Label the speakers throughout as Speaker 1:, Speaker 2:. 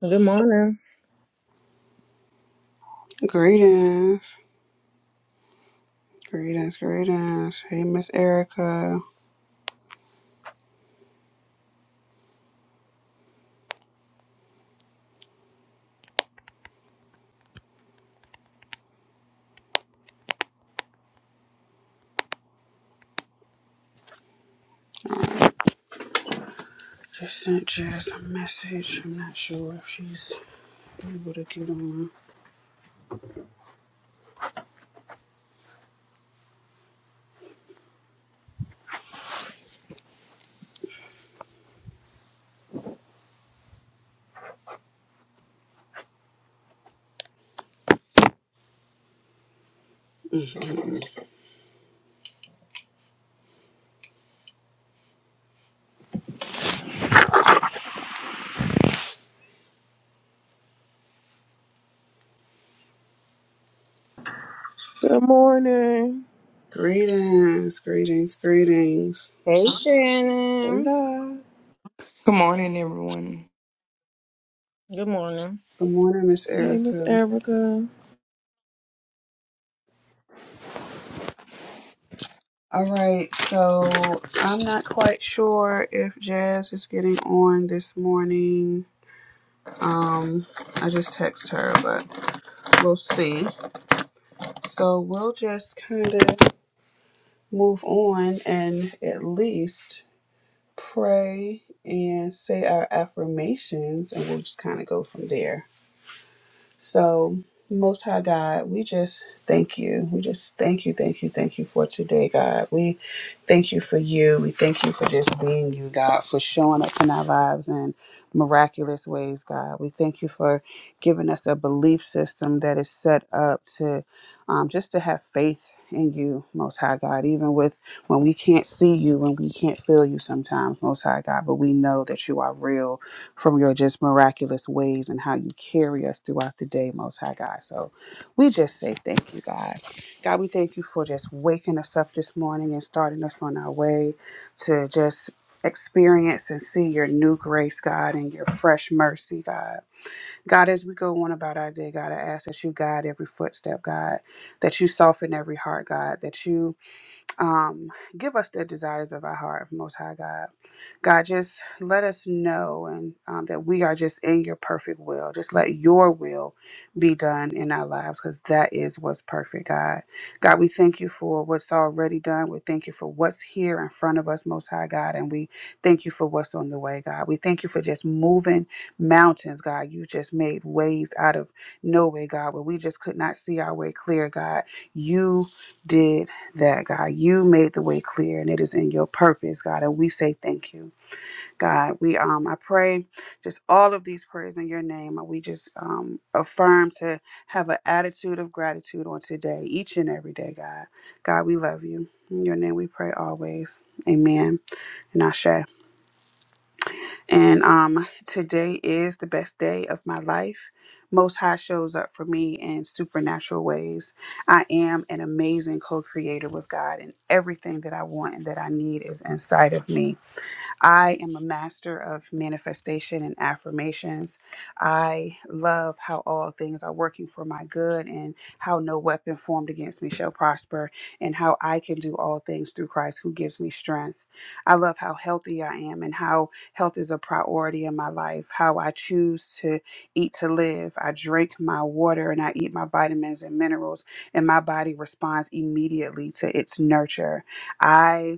Speaker 1: Good morning.
Speaker 2: Greetings, greetings, greetings. Hey, Miss Erica. Just sent Jess a message. I'm not sure if she's able to get on.
Speaker 3: Good morning.
Speaker 2: Greetings, greetings, greetings.
Speaker 1: Hey, Shannon.
Speaker 3: Hola.
Speaker 4: Good morning, everyone.
Speaker 1: Good morning.
Speaker 2: Good morning, Miss
Speaker 3: Hey, Miss
Speaker 2: Erica.
Speaker 3: Erica.
Speaker 2: All right, so I'm not quite sure if Jazz is getting on this morning. Um, I just text her, but we'll see. So we'll just kind of move on and at least pray and say our affirmations, and we'll just kind of go from there. So, Most High God, we just thank you. We just thank you, thank you, thank you for today, God. We thank you for you. We thank you for just being you, God, for showing up in our lives in miraculous ways, God. We thank you for giving us a belief system that is set up to um, just to have faith in you, Most High God, even with when we can't see you, when we can't feel you sometimes, Most High God, but we know that you are real from your just miraculous ways and how you carry us throughout the day, Most High God. So we just say thank you, God. God, we thank you for just waking us up this morning and starting us on our way to just experience and see your new grace, God, and your fresh mercy, God. God, as we go on about our day, God, I ask that you guide every footstep, God, that you soften every heart, God, that you um, give us the desires of our heart, Most High God. God, just let us know and um, that we are just in your perfect will. Just let your will be done in our lives because that is what's perfect, God. God, we thank you for what's already done. We thank you for what's here in front of us, Most High God. And we thank you for what's on the way, God. We thank you for just moving mountains, God. You just made ways out of no way, God, where we just could not see our way clear, God. You did that God, you made the way clear and it is in your purpose, God. And we say thank you, God. We um, I pray just all of these prayers in your name. and We just um affirm to have an attitude of gratitude on today, each and every day, God. God, we love you. In your name we pray always. Amen. And Ashe. And um, today is the best day of my life. Most High shows up for me in supernatural ways. I am an amazing co creator with God, and everything that I want and that I need is inside of me. I am a master of manifestation and affirmations. I love how all things are working for my good and how no weapon formed against me shall prosper and how I can do all things through Christ who gives me strength. I love how healthy I am and how health is a priority in my life, how I choose to eat to live. I drink my water and I eat my vitamins and minerals, and my body responds immediately to its nurture. I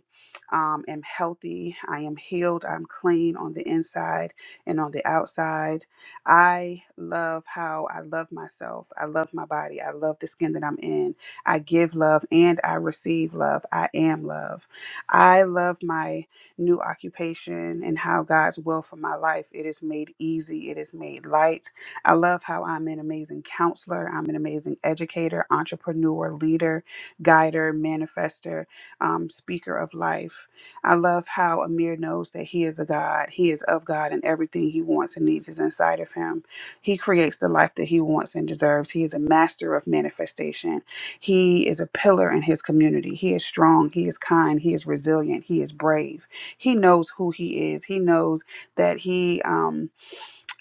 Speaker 2: um, am healthy. I am healed. I'm clean on the inside and on the outside. I love how I love myself. I love my body. I love the skin that I'm in. I give love and I receive love. I am love. I love my new occupation and how God's will for my life. It is made easy, it is made light. I love how I'm an amazing counselor, I'm an amazing educator, entrepreneur, leader, guider, manifester um, speaker of life. I love how Amir knows that he is a God. He is of God, and everything he wants and needs is inside of him. He creates the life that he wants and deserves. He is a master of manifestation. He is a pillar in his community. He is strong. He is kind. He is resilient. He is brave. He knows who he is. He knows that he. Um,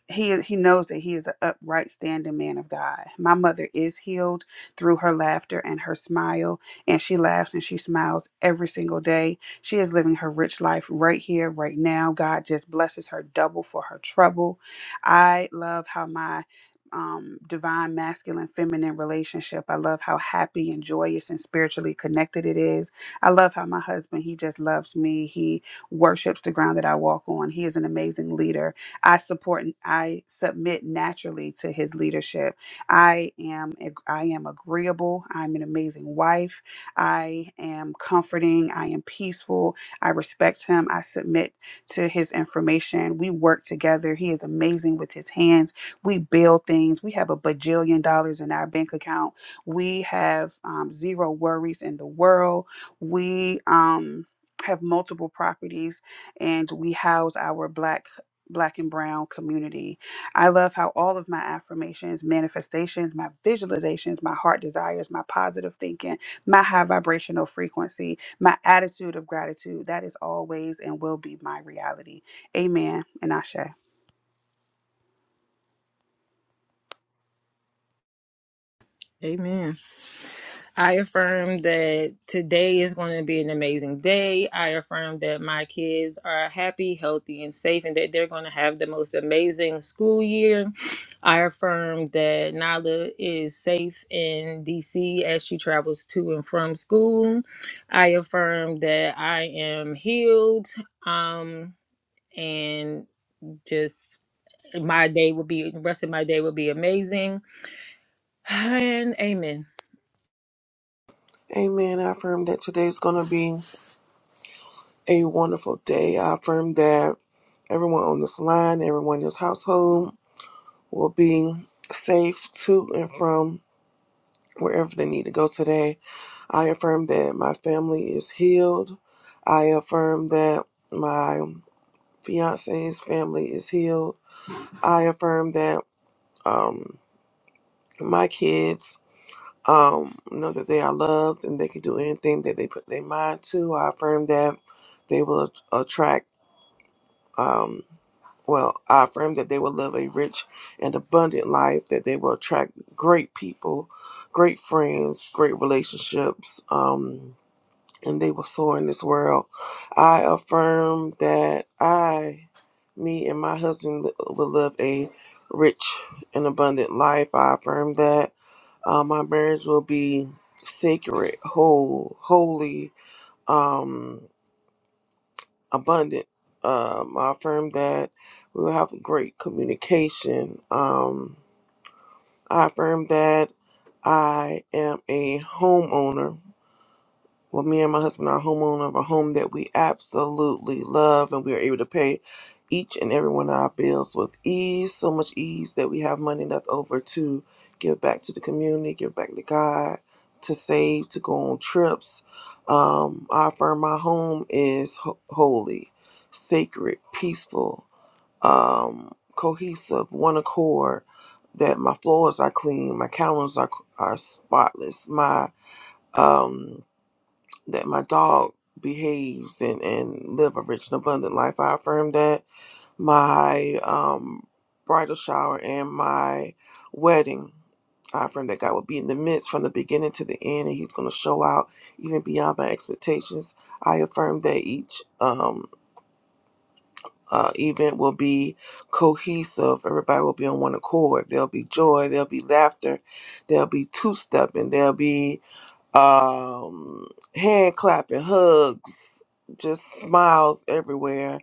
Speaker 2: he he knows that he is an upright standing man of God. My mother is healed through her laughter and her smile, and she laughs and she smiles every single day. She is living her rich life right here, right now. God just blesses her double for her trouble. I love how my um, divine masculine feminine relationship. I love how happy and joyous and spiritually connected it is. I love how my husband, he just loves me. He worships the ground that I walk on. He is an amazing leader I support and I submit naturally to his leadership. I am ag- I am agreeable. I'm an amazing wife. I am comforting. I am peaceful. I respect him. I submit to his information. We work together. He is amazing with his hands. We build things. We have a bajillion dollars in our bank account. We have um, zero worries in the world. We um, have multiple properties and we house our black black and brown community. I love how all of my affirmations, manifestations, my visualizations, my heart desires, my positive thinking, my high vibrational frequency, my attitude of gratitude, that is always and will be my reality. Amen and Ashe.
Speaker 1: Amen. I affirm that today is going to be an amazing day. I affirm that my kids are happy, healthy, and safe, and that they're going to have the most amazing school year. I affirm that Nala is safe in DC as she travels to and from school. I affirm that I am healed um, and just My day will be the rest of my day will be amazing. And amen.
Speaker 3: Amen. I affirm that today's going to be a wonderful day. I affirm that everyone on this line, everyone in this household will be safe to and from wherever they need to go today. I affirm that my family is healed. I affirm that my fiance's family is healed. I affirm that um, my kids um, know that they are loved and they can do anything that they put their mind to. I affirm that they will a- attract, um, well, I affirm that they will live a rich and abundant life, that they will attract great people, great friends, great relationships, um, and they will soar in this world. I affirm that I, me, and my husband li- will live a rich and abundant life. I affirm that uh, my marriage will be sacred, whole, holy, um, abundant. Um, I affirm that we will have great communication. Um, I affirm that I am a homeowner Well, me and my husband are homeowner of a home that we absolutely love, and we are able to pay each and every one of our bills with ease, so much ease that we have money left over to give back to the community, give back to God, to save, to go on trips. Um, I affirm my home is ho- holy, sacred, peaceful, um, cohesive, one accord. That my floors are clean, my counters are are spotless, my um that my dog behaves and, and live a rich and abundant life. I affirm that my um, bridal shower and my wedding, I affirm that God will be in the midst from the beginning to the end and he's going to show out even beyond my expectations. I affirm that each um, uh, event will be cohesive. Everybody will be on one accord. There'll be joy. There'll be laughter. There'll be two-stepping. There'll be um, hand clapping, hugs, just smiles everywhere.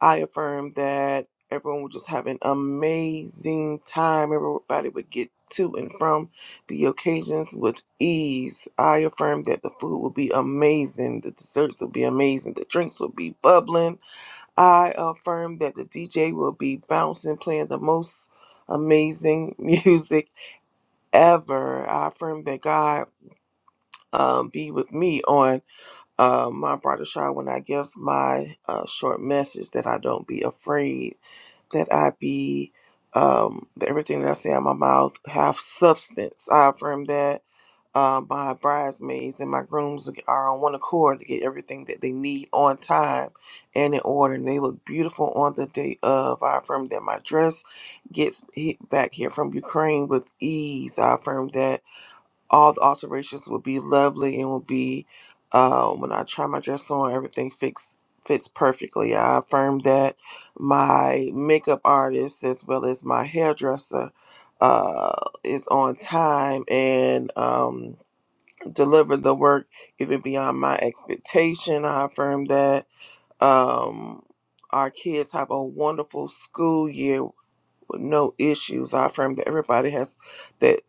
Speaker 3: I affirm that everyone would just have an amazing time. Everybody would get to and from the occasions with ease. I affirm that the food will be amazing, the desserts will be amazing, the drinks will be bubbling. I affirm that the DJ will be bouncing, playing the most amazing music ever. I affirm that God um, be with me on uh, my brother Shar, when I give my uh, short message, that I don't be afraid, that I be um, that everything that I say out my mouth have substance. I affirm that uh, my bridesmaids and my grooms are on one accord to get everything that they need on time and in order, and they look beautiful on the day of. I affirm that my dress gets hit back here from Ukraine with ease. I affirm that all the alterations will be lovely and will be uh, when I try my dress on, everything fits fits perfectly. I affirm that my makeup artist as well as my hairdresser uh, is on time and um, deliver the work even beyond my expectation. I affirm that um, our kids have a wonderful school year with no issues. I affirm that everybody has that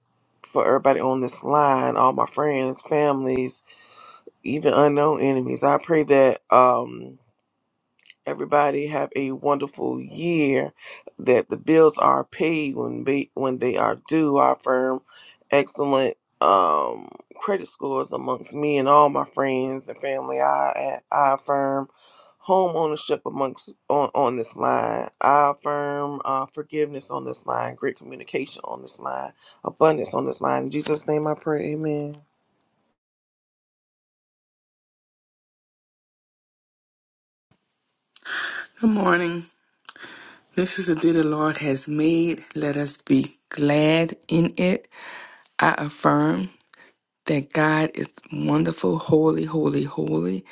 Speaker 3: for everybody on this line, all my friends, families, even unknown enemies. I pray that um Everybody have a wonderful year. That the bills are paid when they when they are due. Our firm, excellent um, credit scores amongst me and all my friends and family. I I affirm home ownership amongst on, on this line. I affirm uh, forgiveness on this line. Great communication on this line. Abundance on this line. In Jesus' name, I pray. Amen.
Speaker 4: Good morning. This is the day the Lord has made. Let us be glad in it. I affirm that God is wonderful, holy, holy, holy.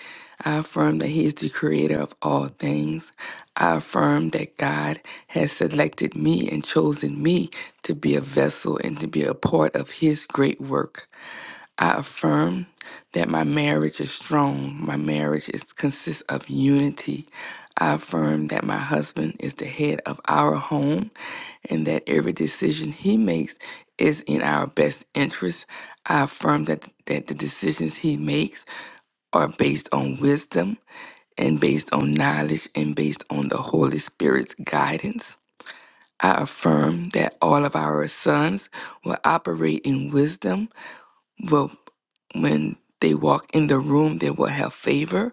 Speaker 4: I affirm that He is the creator of all things. I affirm that God has selected me and chosen me to be a vessel and to be a part of His great work. I affirm that my marriage is strong. My marriage is, consists of unity. I affirm that my husband is the head of our home and that every decision he makes is in our best interest. I affirm that, that the decisions he makes are based on wisdom and based on knowledge and based on the Holy Spirit's guidance. I affirm that all of our sons will operate in wisdom will when they walk in the room they will have favor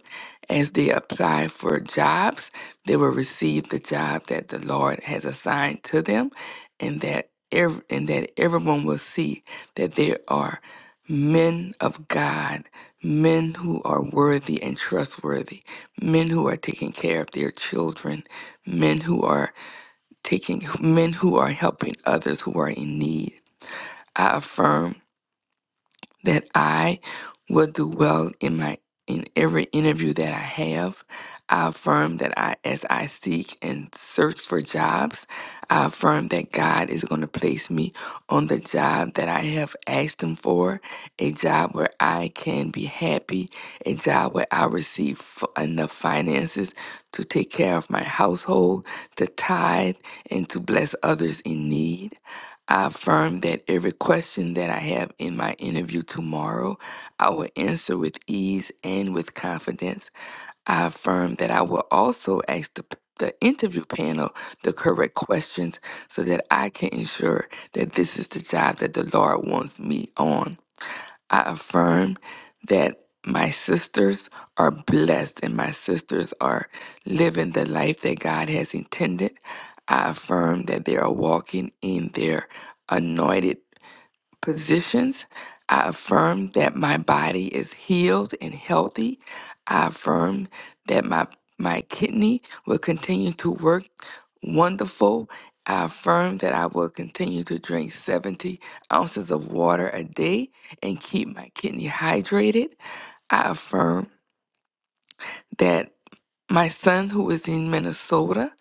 Speaker 4: as they apply for jobs they will receive the job that the lord has assigned to them and that ev- and that everyone will see that they are men of god men who are worthy and trustworthy men who are taking care of their children men who are taking men who are helping others who are in need i affirm that I will do well in my in every interview that I have. I affirm that I as I seek and search for jobs, I affirm that God is going to place me on the job that I have asked him for, a job where I can be happy, a job where I receive f- enough finances to take care of my household, to tithe and to bless others in need. I affirm that every question that I have in my interview tomorrow, I will answer with ease and with confidence. I affirm that I will also ask the, the interview panel the correct questions so that I can ensure that this is the job that the Lord wants me on. I affirm that my sisters are blessed and my sisters are living the life that God has intended. I affirm that they are walking in their anointed positions. I affirm that my body is healed and healthy. I affirm that my my kidney will continue to work wonderful. I affirm that I will continue to drink 70 ounces of water a day and keep my kidney hydrated. I affirm that my son, who is in Minnesota,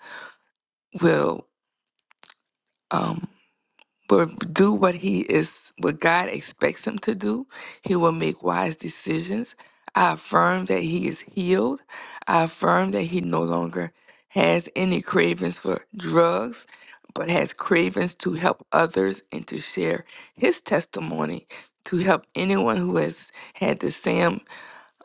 Speaker 4: will. um, but do what he is what God expects him to do. He will make wise decisions. I affirm that he is healed. I affirm that he no longer has any cravings for drugs, but has cravings to help others and to share his testimony to help anyone who has had the same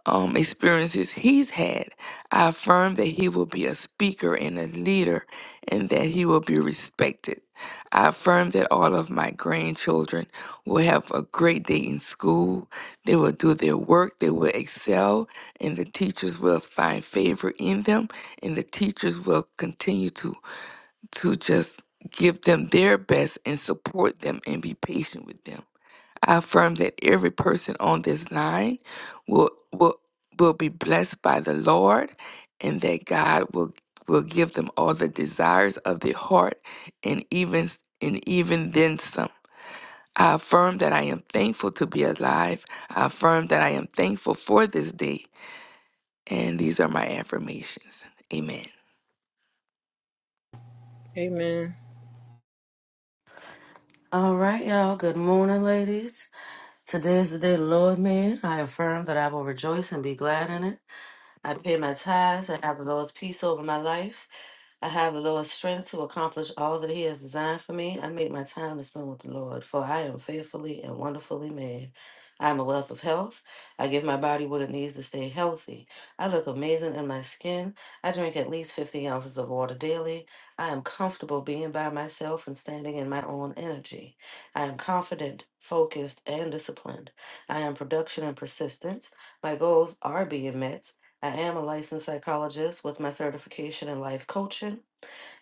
Speaker 4: um, experiences he's had, I affirm that he will be a speaker and a leader and that he will be respected. I affirm that all of my grandchildren will have a great day in school. They will do their work, they will excel, and the teachers will find favor in them, and the teachers will continue to, to just give them their best and support them and be patient with them. I affirm that every person on this line will will will be blessed by the Lord and that God will will give them all the desires of their heart and even and even then some. I affirm that I am thankful to be alive. I affirm that I am thankful for this day. And these are my affirmations. Amen.
Speaker 1: Amen.
Speaker 5: All right, y'all. Good morning, ladies. Today is the day the Lord made. I affirm that I will rejoice and be glad in it. I pay my tithes and have the Lord's peace over my life. I have the Lord's strength to accomplish all that He has designed for me. I make my time to spend with the Lord, for I am fearfully and wonderfully made. I am a wealth of health. I give my body what it needs to stay healthy. I look amazing in my skin. I drink at least 50 ounces of water daily. I am comfortable being by myself and standing in my own energy. I am confident, focused, and disciplined. I am production and persistence. My goals are being met. I am a licensed psychologist with my certification in life coaching.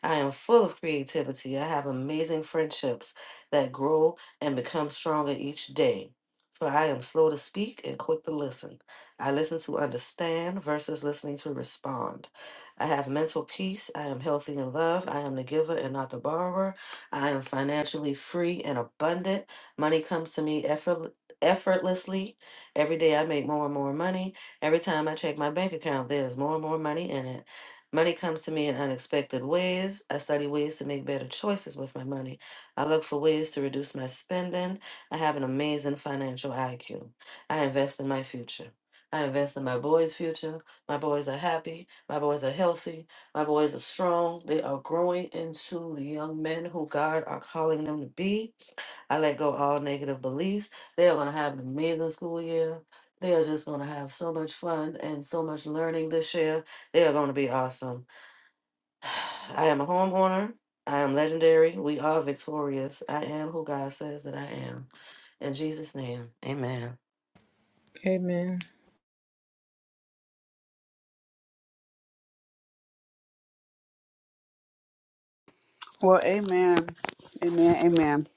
Speaker 5: I am full of creativity. I have amazing friendships that grow and become stronger each day. For I am slow to speak and quick to listen. I listen to understand versus listening to respond. I have mental peace. I am healthy in love. I am the giver and not the borrower. I am financially free and abundant. Money comes to me effort effortlessly every day i make more and more money every time i check my bank account there's more and more money in it Money comes to me in unexpected ways. I study ways to make better choices with my money. I look for ways to reduce my spending. I have an amazing financial IQ. I invest in my future. I invest in my boys' future. My boys are happy. My boys are healthy. My boys are strong. They are growing into the young men who God are calling them to be. I let go all negative beliefs. They are going to have an amazing school year. They are just going to have so much fun and so much learning this year. They are going to be awesome. I am a homeowner. I am legendary. We are victorious. I am who God says that I am. In Jesus' name, amen.
Speaker 1: Amen.
Speaker 2: Well, amen. Amen. Amen.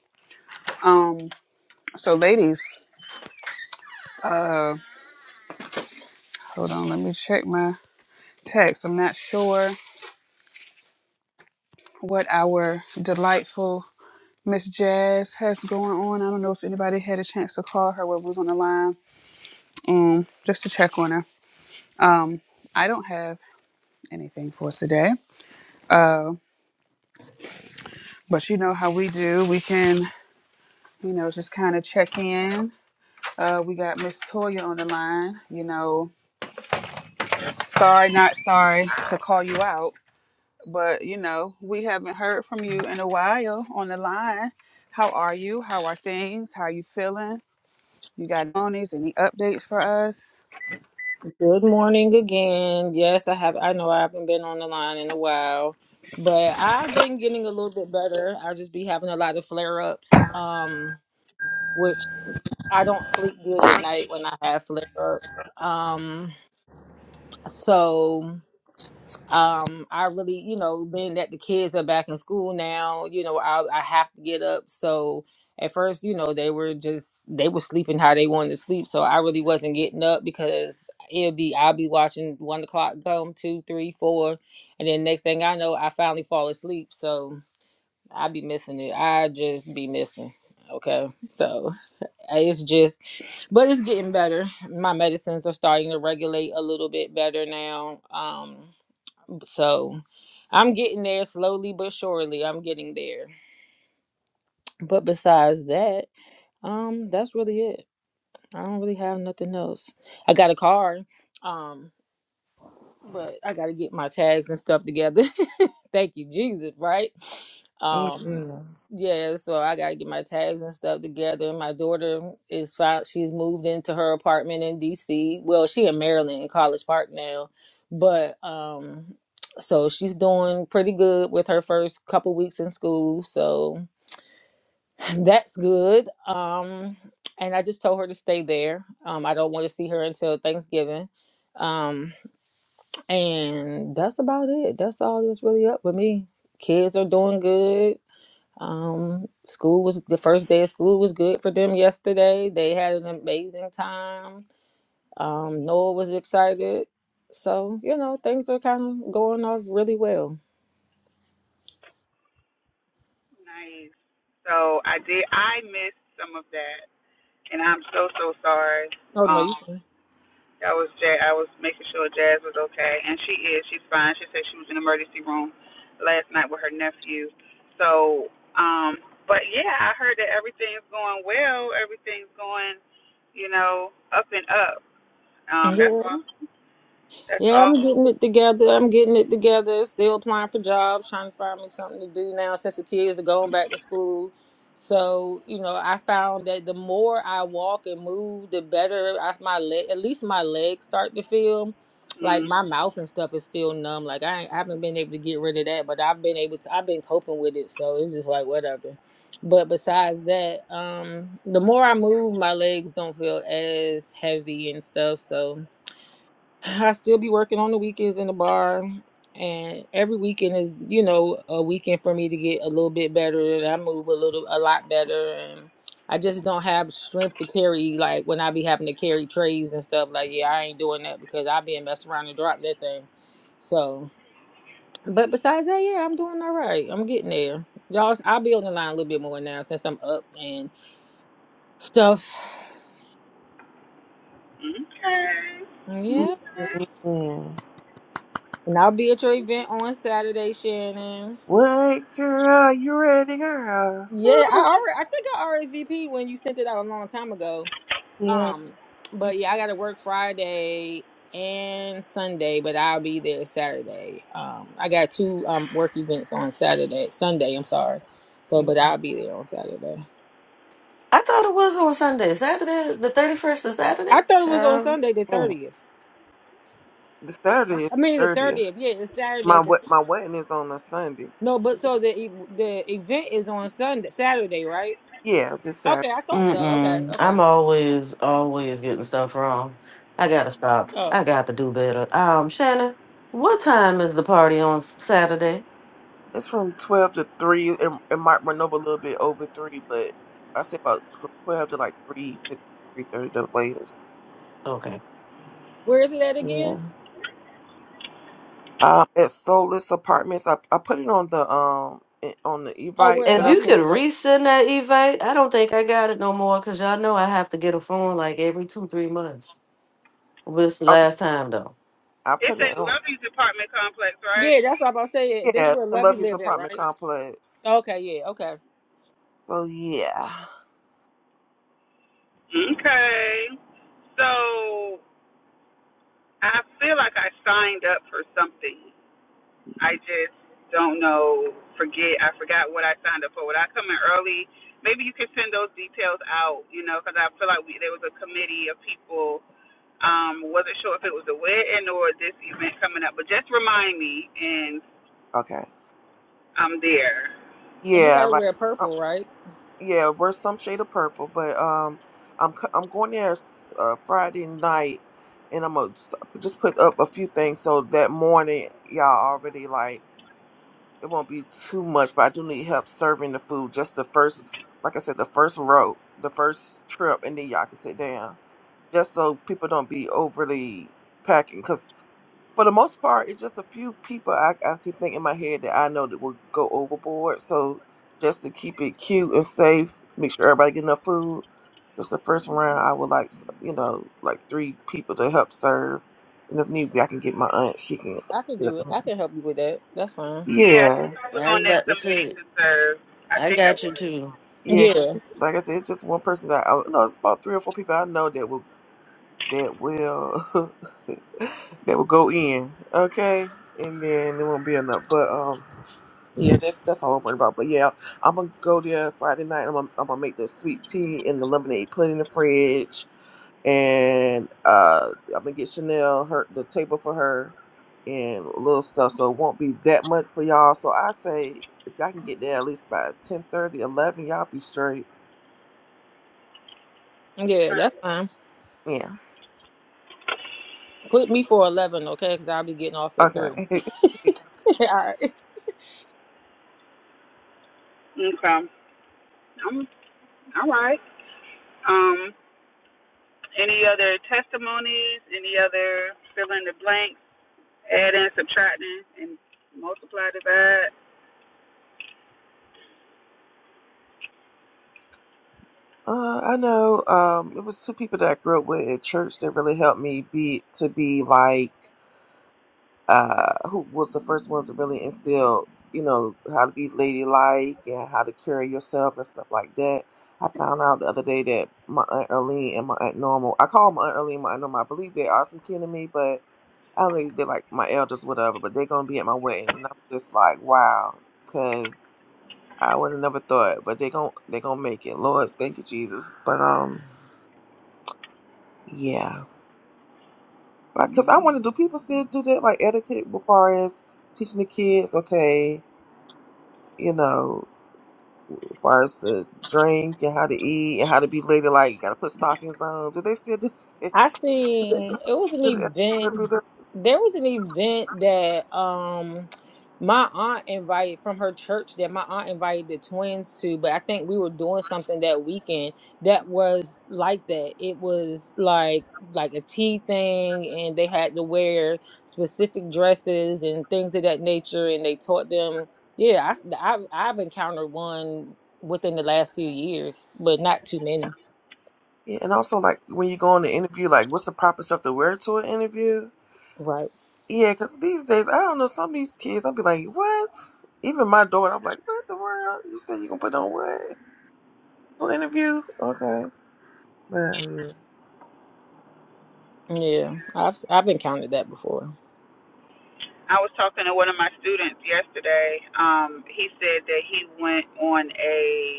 Speaker 2: Um so ladies, uh hold on, let me check my text. I'm not sure what our delightful Miss Jazz has going on. I don't know if anybody had a chance to call her while we was on the line, um, just to check on her. Um, I don't have anything for today, uh, but you know how we do. We can, you know, just kind of check in. Uh, we got Miss Toya on the line. You know, sorry, not sorry to call you out, but you know, we haven't heard from you in a while on the line. How are you? How are things? How are you feeling? You got monies? Any updates for us?
Speaker 1: Good morning again. Yes, I have I know I haven't been on the line in a while, but I've been getting a little bit better. I just be having a lot of flare ups. Um which I don't sleep good at night when I have flare ups. Um so um i really you know being that the kids are back in school now you know i i have to get up so at first you know they were just they were sleeping how they wanted to sleep so i really wasn't getting up because it'll be i'll be watching one o'clock come two three four and then next thing i know i finally fall asleep so i be missing it i just be missing okay so it's just but it's getting better my medicines are starting to regulate a little bit better now um so I'm getting there slowly but surely. I'm getting there. But besides that, um, that's really it. I don't really have nothing else. I got a car. Um, but I gotta get my tags and stuff together. Thank you, Jesus, right? Um
Speaker 3: Amen.
Speaker 1: yeah, so I gotta get my tags and stuff together. My daughter is fine she's moved into her apartment in DC. Well, she in Maryland in College Park now. But um so she's doing pretty good with her first couple weeks in school. So that's good. Um and I just told her to stay there. Um I don't want to see her until Thanksgiving. Um and that's about it. That's all that's really up with me. Kids are doing good. Um, school was the first day of school was good for them yesterday. They had an amazing time. Um, Noah was excited. So, you know, things are kind of going off really well.
Speaker 2: Nice. So I did. I missed some of that, and I'm so so sorry.
Speaker 1: Oh, no, you.
Speaker 2: Um, I was ja- I was making sure Jazz was okay, and she is. She's fine. She said she was in the emergency room last night with her nephew. So, um, but yeah, I heard that everything's going well. Everything's going, you know, up and up. Um, that's
Speaker 1: yeah.
Speaker 2: all. That's
Speaker 1: Yeah, I'm
Speaker 2: all.
Speaker 1: getting it together. I'm getting it together. Still applying for jobs, trying to find me something to do now since the kids are going back to school. So, you know, I found that the more I walk and move, the better I, my leg, at least my legs start to feel. Like
Speaker 2: Mm.
Speaker 1: my mouth and stuff is still numb. Like I, ain't, I haven't been able to get rid of that, but I've been able to. I've been coping with it, so it's just like whatever. But besides that, um, the more I move, my legs don't feel as heavy and stuff. So I still be working on the weekends in the bar, and every weekend is, you know, a weekend for me to get a little bit better. And I move a little, a lot better, and I just don't have strength to carry like when I be having to carry trays and stuff. Like, yeah, I ain't doing that because I been messing around and drop that thing. So, but besides that, yeah, I'm doing all right. I'm getting there, y'all. I'll be on the line a little bit more now since I'm up and stuff. Yeah, and
Speaker 3: Amen.
Speaker 1: I'll be at your event on Saturday, Shannon.
Speaker 3: What girl? You ready, girl?
Speaker 1: Yeah, I already, I think I RSVP when you sent it out a long time ago.
Speaker 3: Yeah.
Speaker 1: Um, but yeah, I got to work Friday and Sunday, but I'll be there Saturday. Um, I got two um work events on Saturday, Sunday. I'm sorry. So, but
Speaker 3: The
Speaker 1: I'll be there on Saturday.
Speaker 5: I thought it was on Sunday. Saturday, the 31st of Saturday?
Speaker 1: I thought it was on
Speaker 5: Child.
Speaker 1: Sunday the
Speaker 5: Mm.
Speaker 1: thirtieth.
Speaker 3: Saturday is
Speaker 1: I mean the
Speaker 3: thirtieth.
Speaker 1: thirtieth. Yeah, it's Saturday.
Speaker 3: My
Speaker 1: The,
Speaker 3: wed- my wedding is on a Sunday.
Speaker 1: no, but so the e- the event is on Sunday, Saturday, right?
Speaker 3: Yeah, this
Speaker 1: Okay,
Speaker 3: Saturday.
Speaker 1: I thought so. Okay,
Speaker 5: Mm-mm.
Speaker 1: okay.
Speaker 5: I'm always, always getting stuff wrong. I gotta stop.
Speaker 1: Oh,
Speaker 5: I got to do better. Um, Shannon, what time is the party on Saturday?
Speaker 3: It's from twelve to three. It, it might run over a little bit over three, but I say about from twelve to like three, three thirty the latest.
Speaker 5: Okay.
Speaker 1: where is it at again?
Speaker 3: Yeah. Um, at Soulless Apartments, I I put it on the um i- on the
Speaker 1: Oh,
Speaker 3: Evite
Speaker 1: where
Speaker 5: If
Speaker 3: that I
Speaker 5: you
Speaker 1: Lovely
Speaker 3: sent.
Speaker 5: could
Speaker 1: live
Speaker 3: out.
Speaker 1: at.
Speaker 5: resend that invite, I don't think I got it no more because y'all know I have to get a phone like every two, three months. What's the
Speaker 3: Okay,
Speaker 5: last time though?
Speaker 3: I
Speaker 2: It's
Speaker 3: put it
Speaker 2: at
Speaker 3: on.
Speaker 2: Lovey's apartment complex, right?
Speaker 1: Yeah, that's what I'm about to say. This
Speaker 3: Yeah,
Speaker 1: where
Speaker 3: the
Speaker 1: Lovey
Speaker 3: Lovey's
Speaker 1: live at,
Speaker 3: apartment
Speaker 1: right?
Speaker 3: complex.
Speaker 1: Okay, yeah, okay.
Speaker 3: So yeah.
Speaker 2: Okay. So I feel like I signed up for something. I just don't know. Forget. I forgot what I signed up for. Would I come in early? Maybe you could send those details out. You know, because I feel like we, there was a committee of people. Um, wasn't sure if it was a wedding or this event coming up, but just remind me, and
Speaker 3: Okay.
Speaker 2: I'm there.
Speaker 1: And we
Speaker 3: Yeah,
Speaker 1: gotta
Speaker 3: like.
Speaker 1: wear
Speaker 3: uh,
Speaker 1: purple, right?
Speaker 3: yeah, we're some shade of purple, but um, I'm co- I'm going there s- uh, Friday night, and I'm gonna st- just put up a few things so that morning y'all already like it won't be too much. But I do need help serving the food. Just the first, like I said, the first row, the first trip, and then y'all can sit down. Just so people don't be overly packing, 'cause for the most part, it's just a few people I, I can think in my head that I know that will go overboard. So just to keep it cute and safe, make sure everybody get enough food. Just the first round, I would like you know like three people to help serve, and if need be, I can get my aunt. She can,
Speaker 1: I can
Speaker 3: get up
Speaker 1: do it.
Speaker 3: and
Speaker 1: I
Speaker 3: help.
Speaker 1: can help you with that. That's fine.
Speaker 2: Yeah, I think
Speaker 3: yeah,
Speaker 2: I was
Speaker 5: I was
Speaker 2: on that
Speaker 5: about to
Speaker 2: committee
Speaker 5: say,
Speaker 2: to serve. I
Speaker 5: I
Speaker 2: think I
Speaker 5: got you
Speaker 2: was.
Speaker 5: too.
Speaker 3: yeah.
Speaker 1: Yeah,
Speaker 3: Like I said, it's just one person that I no, It's about three or four people I know that will that will that will go in. Okay, and then there won't be enough. But um. Yeah, that's that's all I'm worried about. But yeah, I'm gonna go there Friday night. I'm gonna, I'm gonna make the sweet tea and the lemonade, put it in the fridge, and uh, I'm gonna get Chanel her the table for her and little stuff. So it won't be that much for y'all. So I say if y'all can get there at least by ten thirty, eleven, y'all be straight.
Speaker 1: yeah,
Speaker 2: Okay.
Speaker 1: that's fine.
Speaker 3: Yeah.
Speaker 1: Put me for eleven, okay? Because I'll be getting off at three.
Speaker 3: Okay.
Speaker 2: Okay. Um, all right. Um, any other testimonies? Any other fill in the blank? adding, subtracting, and multiply, divide.
Speaker 3: Uh, I know. Um, it was two people that I grew up with at church that really helped me be to be like. uh, who was the first ones to really instill, you know, how to be ladylike and how to carry yourself and stuff like that. I found out the other day that my aunt Erlene and my aunt Normal, I call them aunt Erlene my aunt Normal. I believe they are some kin to me, but I don't know, if they're like my elders, whatever. But they're gonna be at my wedding, and I'm just like, wow, because I would have never thought. But they are going to they gonna make it. Lord, thank you, Jesus. But um, yeah, because I want to. Do people still do that like etiquette as far as teaching the kids? Okay, you know, as far as the drink and how to eat and how to be ladylike, you gotta put stockings on. Do they still do that?
Speaker 1: I seen it was an
Speaker 3: Do they still
Speaker 1: event.
Speaker 3: do that?
Speaker 1: There was an event that um my aunt invited from her church that my aunt invited the twins to, but I think we were doing something that weekend that was like that. It was like like a tea thing and they had to wear specific dresses and things of that nature and they taught them yeah, I, s- I I've encountered one within the last few years, but not too many.
Speaker 3: Yeah, and also like when you go on the interview, like what's the proper stuff to wear to an interview? Yeah, because these days I don't know some of these kids. I'll be like, what? Even my daughter, I'm like, what in the world? You said you gonna put on what? No interview? Okay, man. yeah.
Speaker 1: Yeah, I've I've encountered that before.
Speaker 2: I was talking to one of my students yesterday. Um, he said that he went on a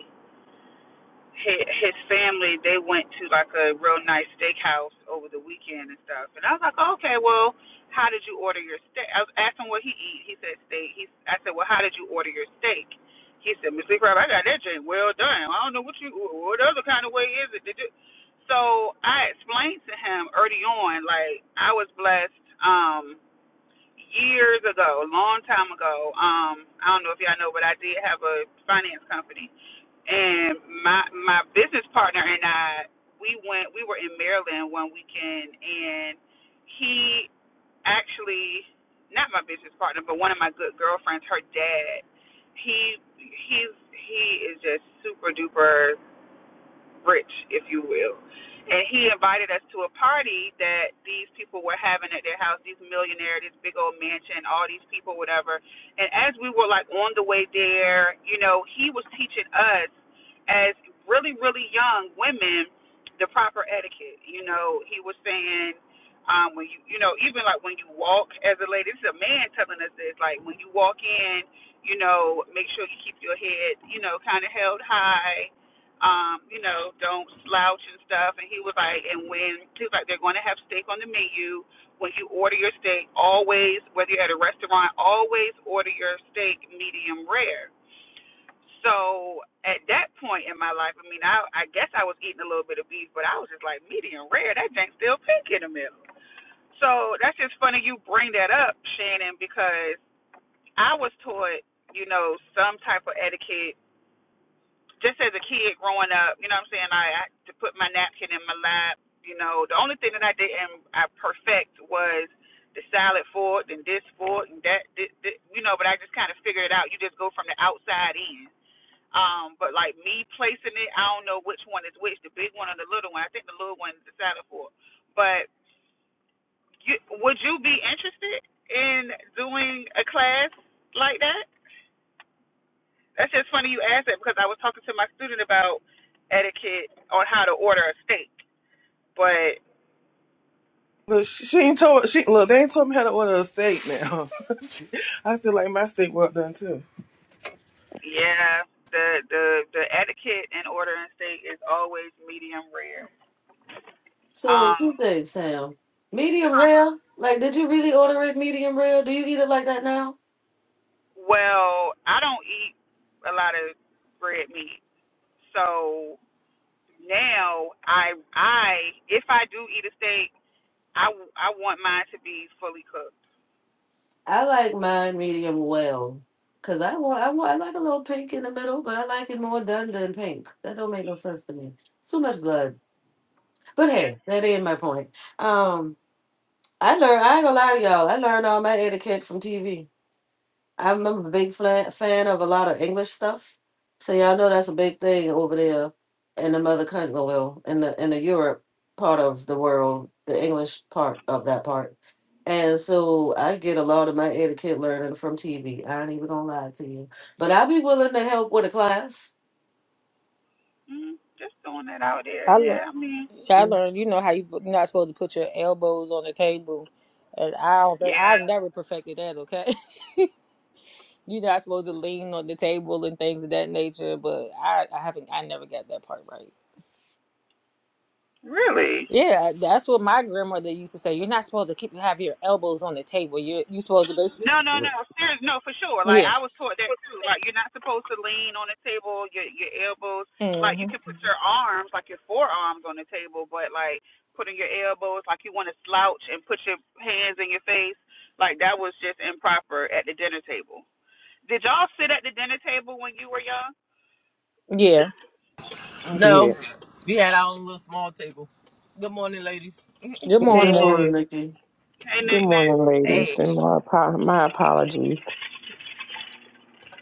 Speaker 2: his, his family they went to like a real nice steakhouse over the weekend and stuff. And I was like, oh, okay, well, how did you order your steak? I was asking what he eat. He said steak. He I said, well, how did you order your steak? He said, Mister Crab, I got that drink. well done. I don't know what you what other kind of way is it? Did you? So I explained to him early on, like I was blessed. Um, years ago, a long time ago, um, I don't know if y'all know, but I did have a finance company and my my business partner and I we went we were in Maryland one weekend and he actually not my business partner but one of my good girlfriends her dad he he's he is just super duper rich, if you will. And he invited us to a party that these people were having at their house, these millionaire, this big old mansion, all these people, whatever. And as we were like on the way there, you know, he was teaching us as really, really young women the proper etiquette. You know, he was saying, um, when you you know, even like when you walk as a lady, this is a man telling us this, like when you walk in, you know, make sure you keep your head, you know, kinda held high um, you know, don't slouch and stuff. And he was like, and when he was like, they're going to have steak on the menu. When you order your steak, always, whether you're at a restaurant, always order your steak medium rare. So at that point in my life, I mean, I, I guess I was eating a little bit of beef, but I was just like medium rare. That thing still pink in the middle. So that's just funny you bring that up, Shannon, because I was taught, you know, some type of etiquette just as a kid growing up, you know what I'm saying? I, I had to put my napkin in my lap. You know, the only thing that I didn't I perfect was the salad fork and this fork and that. This, this, you know, but I just kind of figured it out. You just go from the outside in. Um, but like me placing it, I don't know which one is which, the big one or the little one. I think the little one is the salad fork. But you, would you be interested in doing a class like that? That's just funny you asked that because I was talking to my student about etiquette on how to order a steak. But
Speaker 3: Look, she, she ain't told. She look, they ain't told me how to order a steak now. I still like my steak well done too.
Speaker 2: yeah, the the the etiquette in ordering steak is always medium rare.
Speaker 5: So
Speaker 2: Um,
Speaker 5: two things, Sam. Medium
Speaker 2: huh?
Speaker 5: rare. Like, did you really order it medium rare? Do you eat it like that now?
Speaker 2: Well, I don't eat a lot of red meat, so now I I if I do eat a steak, I I want mine to be fully cooked.
Speaker 5: I like mine medium well, cause I want, I want, I like a little pink in the middle, but I like it more done than pink. That don't make no sense to me. It's too much blood. But
Speaker 2: Yeah.
Speaker 5: hey, that is my point. Um, I learned. I ain't gonna lie to y'all. I learned all my etiquette from TV. I'm a big fla- fan of a lot of English stuff, so y'all know that's a big thing over there in the mother country. Well, in the in the Europe part of the world, the English part of that part. And so I get a lot of my etiquette learning from TV. I ain't even gonna lie to you, but I'll be willing to help with a class.
Speaker 2: Mm, just throwing that out there.
Speaker 1: I learned.
Speaker 2: Yeah, I mean,
Speaker 1: I
Speaker 6: I
Speaker 1: learned. You know how you, you're not supposed to put your elbows on the table, and I don't, think- I've
Speaker 2: yeah,
Speaker 1: never perfected that. Okay, you're not supposed to lean on the table and things of that nature. But I, I haven't. I never got that part right.
Speaker 2: really.
Speaker 1: Yeah, that's what my grandmother used to say. You're not supposed to keep have your elbows on the table. You you're you supposed to basically.
Speaker 2: No, no,
Speaker 5: Good
Speaker 2: no. Serious, no, for sure. Like
Speaker 1: Yeah.
Speaker 2: I was taught that too. Like you're not supposed to lean on the table, your your elbows. Like you
Speaker 1: hmm
Speaker 2: can put your arms, like your forearms, on the table, but like putting your elbows, like you want to slouch and put your hands in your face, like that was just improper at the dinner table. Did y'all sit at the dinner table when you were young?
Speaker 1: Yeah.
Speaker 6: did.
Speaker 7: No, we had our own little small table. Good morning, ladies.
Speaker 1: Good
Speaker 6: Good
Speaker 2: Hey,
Speaker 1: morning.
Speaker 2: Nick.
Speaker 6: morning.
Speaker 5: morning, Nikki.
Speaker 2: Hey,
Speaker 6: Good
Speaker 2: Nick, Nick.
Speaker 6: morning, ladies,
Speaker 7: Hey,
Speaker 6: and my apo- my apologies.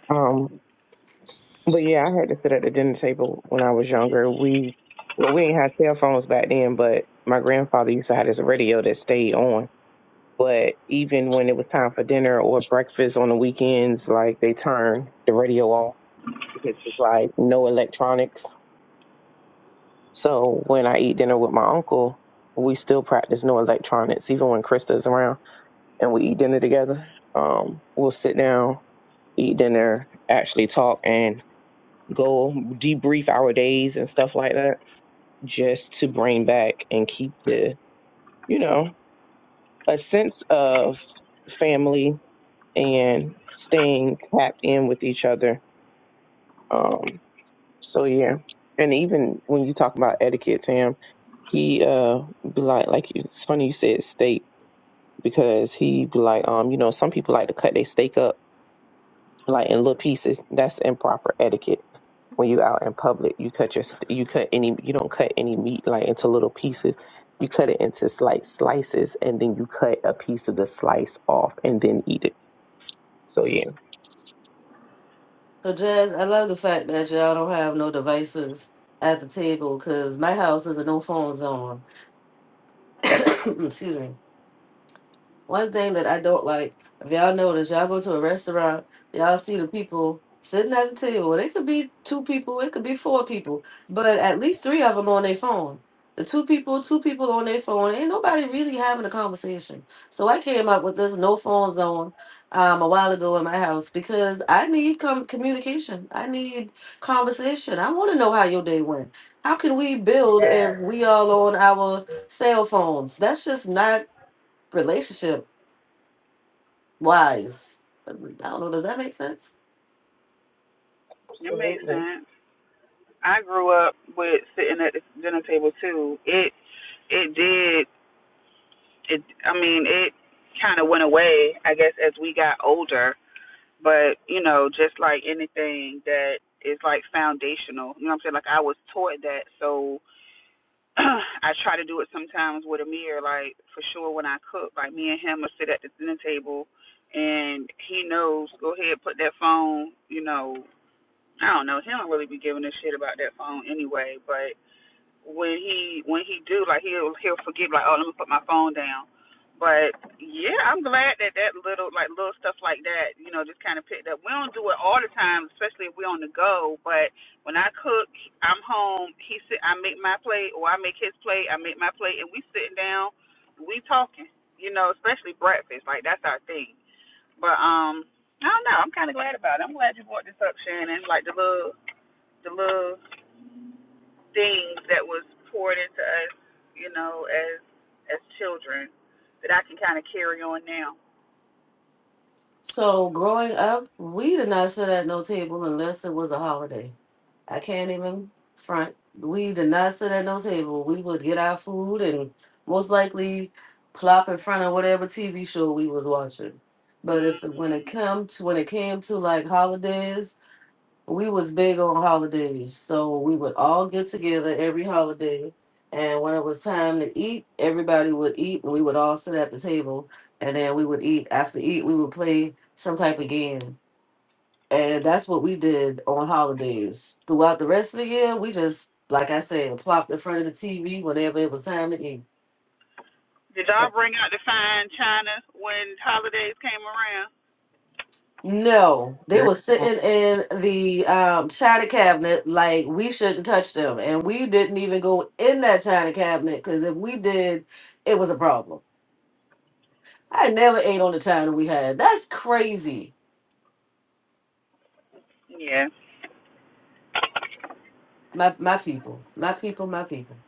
Speaker 6: Um, but yeah, I had to sit at the dinner table when I was younger. We well, we didn't have cell phones back then, but my grandfather used to have this radio that stayed on. But even when it was time for dinner or breakfast on the weekends, like they turned the radio off because it's like no electronics. So when I eat dinner with my uncle, we still practice no electronics, even when Krista's around. and we eat dinner together. Um, we'll sit down, eat dinner, actually talk and go debrief our days and stuff like that, just to bring back and keep the, you know, a sense of family and staying tapped in with each other. Um, so yeah. And even when you talk about etiquette, Tam, he uh be like like you- it's funny you said steak because he be like, um, you know, some people like to cut their steak up like in little pieces. That's improper etiquette. When you out in public, you cut your st- you cut any you don't cut any meat like into little pieces. You cut it into slight slices, and then you cut a piece of the slice off, and then eat it. So yeah,
Speaker 5: So, Jazz, I love the fact that y'all don't have no devices at the table because my house is a no phone zone. Excuse me. One thing that I don't like, if y'all notice, y'all go to a restaurant, y'all see the people sitting at the table. It could be two people, it could be four people, but at least three of them on their phone. The two people, two people on their phone, ain't nobody really having a conversation. So I came up with this no phone zone um, a while ago in my house because I need com- communication. I need conversation. I want to know how your day went. How can we build if we all on our cell phones? That's just not relationship wise. I don't know. Does that make sense?
Speaker 2: It makes
Speaker 6: absolutely.
Speaker 2: sense. I grew up with sitting at the dinner table too. It it did it I mean, it kind of went away, I guess, as we got older. But, you know, just like anything that is like foundational, you know what I'm saying? Like I was taught that. So I try to do it sometimes with Amir, like for sure when I cook, like me and him will sit at the dinner table and he knows, go ahead, put that phone, you know, I don't know, he don't really be giving a shit about that phone anyway, but when he when he do like he'll he'll forget like oh let me put my phone down but yeah, I'm glad that that little like little stuff like that, you know, just kind of picked up. We don't do it all the time, especially if we're on the go. But when I cook, I'm home. He sit. I make my plate, or I make his plate. I make my plate, and we sitting down, we talking. You know, especially breakfast. Like that's our thing. But um, I don't know. I'm kind of glad about it. I'm glad you brought this up, Shannon. Like the little the little things that was poured into us, you know, as as children that I can kind of carry on now.
Speaker 5: So growing up, we did not sit at no table unless it was a holiday. I can't even front. We did not sit at no table. We would get our food and most likely plop in front of whatever TV show we was watching. But if when it
Speaker 2: hmm
Speaker 5: come to when it came to like holidays, we was big on holidays, so we would all get together every holiday. And when it was time to eat, everybody would eat, and we would all sit at the table. And then we would eat. After eat, we would play some type of game. And that's what we did on holidays. Throughout the rest of the year, we just, like I said, plopped in front of the TV whenever it was time to eat.
Speaker 2: Did y'all bring out the fine china when holidays came around?
Speaker 5: No, they were
Speaker 3: Girl.
Speaker 5: sitting in the um, china cabinet like we shouldn't touch them, and we didn't even go in that china cabinet because if we did, it was a problem. I never ate on the china we had. That's crazy.
Speaker 2: Yeah.
Speaker 5: My my people, my people, my people.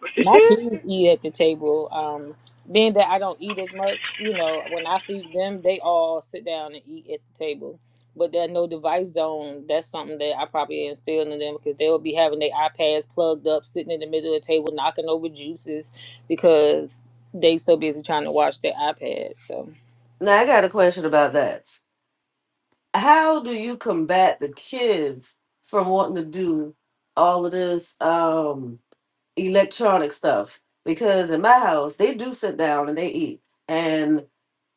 Speaker 1: My kids eat at the table. Um, being that I don't eat as much, you know, when I feed them, they all sit down and eat at the table. But that no device zone, that's something that I probably instilled in them because they'll be having their iPads plugged up, sitting in the middle of the table, knocking over juices because they so busy trying to watch their iPad. So
Speaker 5: Now I got a question about that. How do you combat the kids from wanting to do all of this um, electronic stuff? Because in my house, they do sit down and they eat and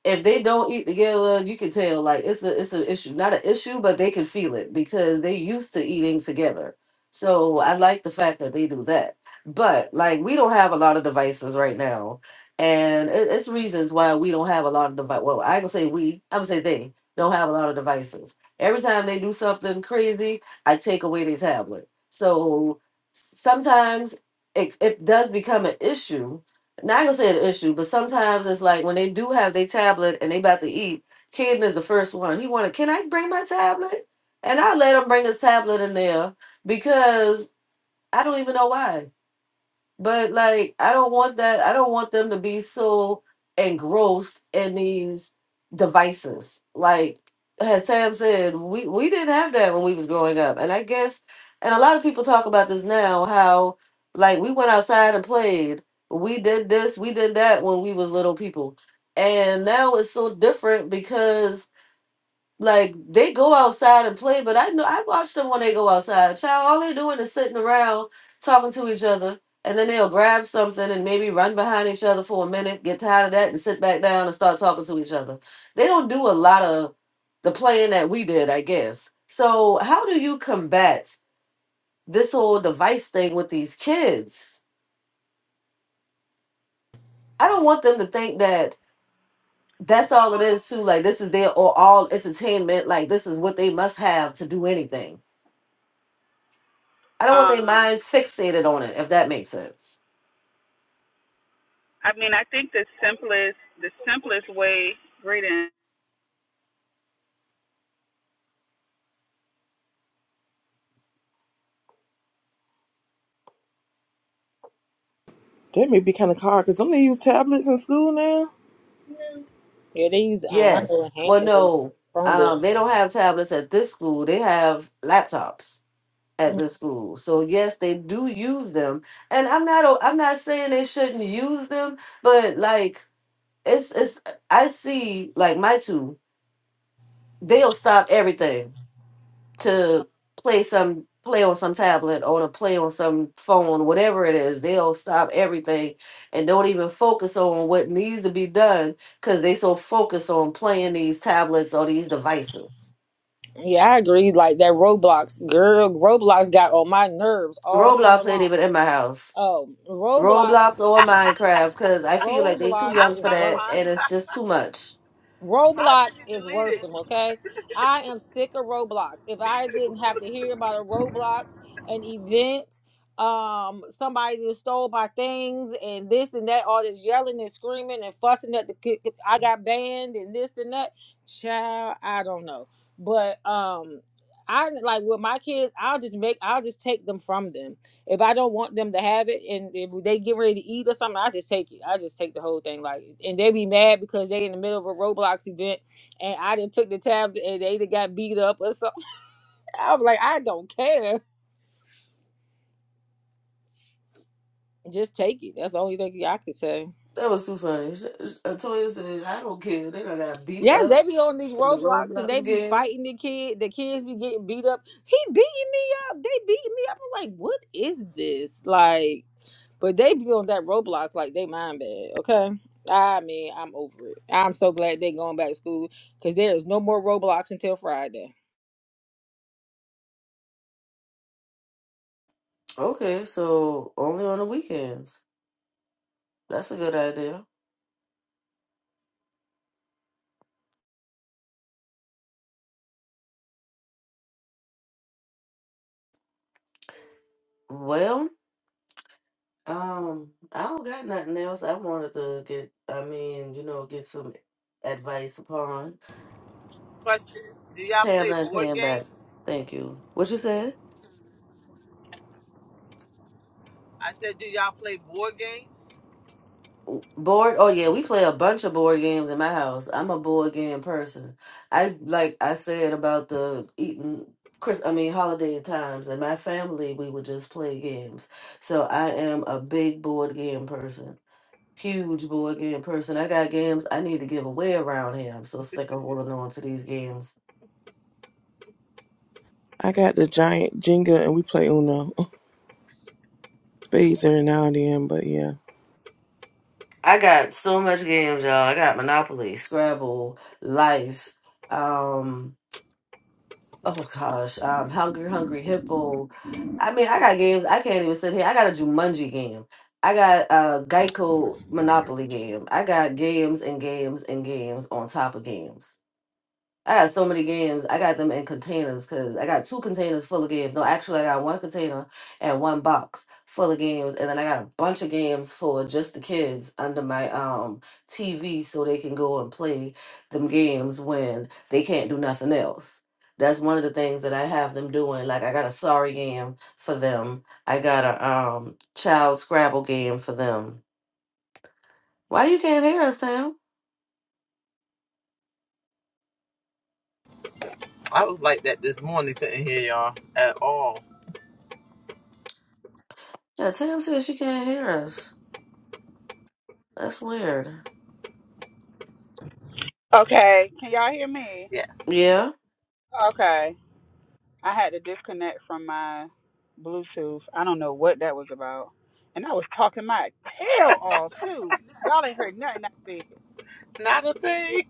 Speaker 5: if they don't eat together, you can tell like it's a it's an issue. Not an issue, but they can feel it because they used to eating together. So I like the fact that they do that. But like we don't have a lot of devices right now, and it, it's reasons why we don't have a lot of device. Well, I gonna say we. I'm gonna say they don't have a lot of devices. Every time they do something crazy, I take away their tablet. So sometimes it, it does become an issue not gonna say an issue, but sometimes it's like when they do have their tablet and they about to eat, Caden is the first one. He wanted, can I bring my tablet? And I let him bring his tablet in there because I don't even know why. But like, I don't want that. I don't want them to be so engrossed in these devices. Like as Sam said, we we didn't have that when we was growing up, and I guess, and a lot of people talk about this now. How like we went outside and played. We did this. We did that when we was little people, and now it's so different because like they go outside and play, but I know I watch them when they go outside. Child, all they're doing is sitting around talking to each other, and then they'll grab something and maybe run behind each other for a minute, get tired of that, and sit back down and start talking to each other. They don't do a lot of the playing that we did, I guess. So how do you combat this whole device thing with these kids? I don't want them to think that that's all it is too.
Speaker 2: so,
Speaker 5: Like this is their or all entertainment. Like this is what they must have to do anything I don't want their
Speaker 2: um,
Speaker 5: mind fixated on it, if that makes sense.
Speaker 2: I mean, I think the simplest, the simplest way, greeting.
Speaker 3: That may be kind of hard because don't they use tablets in school now?
Speaker 1: yeah, they use um I
Speaker 5: Yes.
Speaker 1: know in
Speaker 5: Well,
Speaker 1: Hampton they use
Speaker 5: no,
Speaker 1: Chromebook.
Speaker 5: um, they don't have tablets at this school. They have laptops at
Speaker 1: Mm,
Speaker 5: this school. So yes, they do use them. And I'm not o- I'm not saying they shouldn't use them, but like it's it's I see like my two, they'll stop everything to play some play on some tablet or to play on some phone, whatever it is, they'll stop everything and don't even focus on what needs to be done because they so focused on playing these tablets or these devices.
Speaker 1: Yeah, I agree. Like that Roblox girl, Roblox got on my nerves all summer
Speaker 5: Roblox ain't
Speaker 1: long.
Speaker 5: even in my house.
Speaker 1: Oh, Roblox
Speaker 5: Roblox or Minecraft because I feel like they too
Speaker 1: Roblox
Speaker 7: I
Speaker 5: young
Speaker 7: was
Speaker 5: for
Speaker 1: is
Speaker 7: trying to
Speaker 5: that
Speaker 7: find
Speaker 5: and
Speaker 1: worrisome.
Speaker 5: it's just too much.
Speaker 7: how did
Speaker 1: Roblox
Speaker 7: you
Speaker 1: is
Speaker 7: delete it?
Speaker 1: worrisome, okay? I am sick of Roblox. If
Speaker 7: Me
Speaker 1: I
Speaker 7: too.
Speaker 1: didn't have to hear about a Roblox, an event, um, somebody that stole my things and this and that, all this yelling and screaming and fussing at the kid, I got banned and this and that. Child, I don't know. But um I like with my kids, I'll just make I'll just take them from them if I don't want them to have it, and if they get ready to eat or something, I just take it. I just take the whole thing. Like, and they be mad because they in the middle of a Roblox event, and I did took the tab, and they done got beat up or something. I'm like, I don't care. Just take it. That's the only thing I could say.
Speaker 5: That was too funny. Sh- sh- Latoya said, I don't care. They done got beat
Speaker 1: Yes, they
Speaker 5: up
Speaker 1: be on these
Speaker 5: in the
Speaker 1: Roblox and they
Speaker 5: Roblox
Speaker 1: be
Speaker 5: game.
Speaker 1: fighting the kid. The kids be getting beat up. He beating me up. They beating me up. I'm like, what is this? Like. But they be on that Roblox like they mind bad, okay? I mean, I'm over it. I'm so glad they going back to school because there is no more Roblox until Friday.
Speaker 5: Okay, so only on the weekends. That's a good idea. Well, um, I don't got nothing else. I wanted to get, I mean, you know, get some advice upon.
Speaker 7: Question: Do y'all
Speaker 5: Tab
Speaker 7: play
Speaker 5: and
Speaker 7: board
Speaker 5: came back.
Speaker 7: games?
Speaker 5: Thank you. What you said?
Speaker 7: I said, do y'all play board games?
Speaker 5: W- Board? Oh yeah, we play a bunch of board games in my house. I'm a board game person. I like I said about the eating Chris. I mean, holiday times and my family, we would just play games. So I am a big board game person. Huge board game person. I got games I need to give away around here. I'm so sick of holding on to these games.
Speaker 3: I got the giant Jenga and we play Uno. Spades every now and then, but yeah.
Speaker 5: I got so much games, y'all. I got Monopoly, Scrabble, Life, um, oh gosh, um, Hungry Hungry Hippo. I mean, I got games I can't even sit here. I got a Jumanji game. I got a Geico Monopoly game. I got games and games and games on top of games. I got so many games. I got them in containers because I got two containers full of games. No, actually, I got one container and one box full of games, and then I got a bunch of games for just the kids under my um TV so they can go and play them games when they can't do nothing else. That's one of the things that I have them doing. Like I got a sorry game for them. I got a um child Scrabble game for them. Why you can't hear us, Tam?
Speaker 7: I was like that this morning. Couldn't hear y'all at all.
Speaker 5: Yeah, Tam says she can't hear us. That's weird.
Speaker 2: Okay, can y'all hear me?
Speaker 7: Yes,
Speaker 5: Yeah.
Speaker 2: Okay, I had to disconnect from my Bluetooth. I don't know what that was about, and I was talking my tail off too. Y'all ain't heard nothing I said.
Speaker 7: not a thing.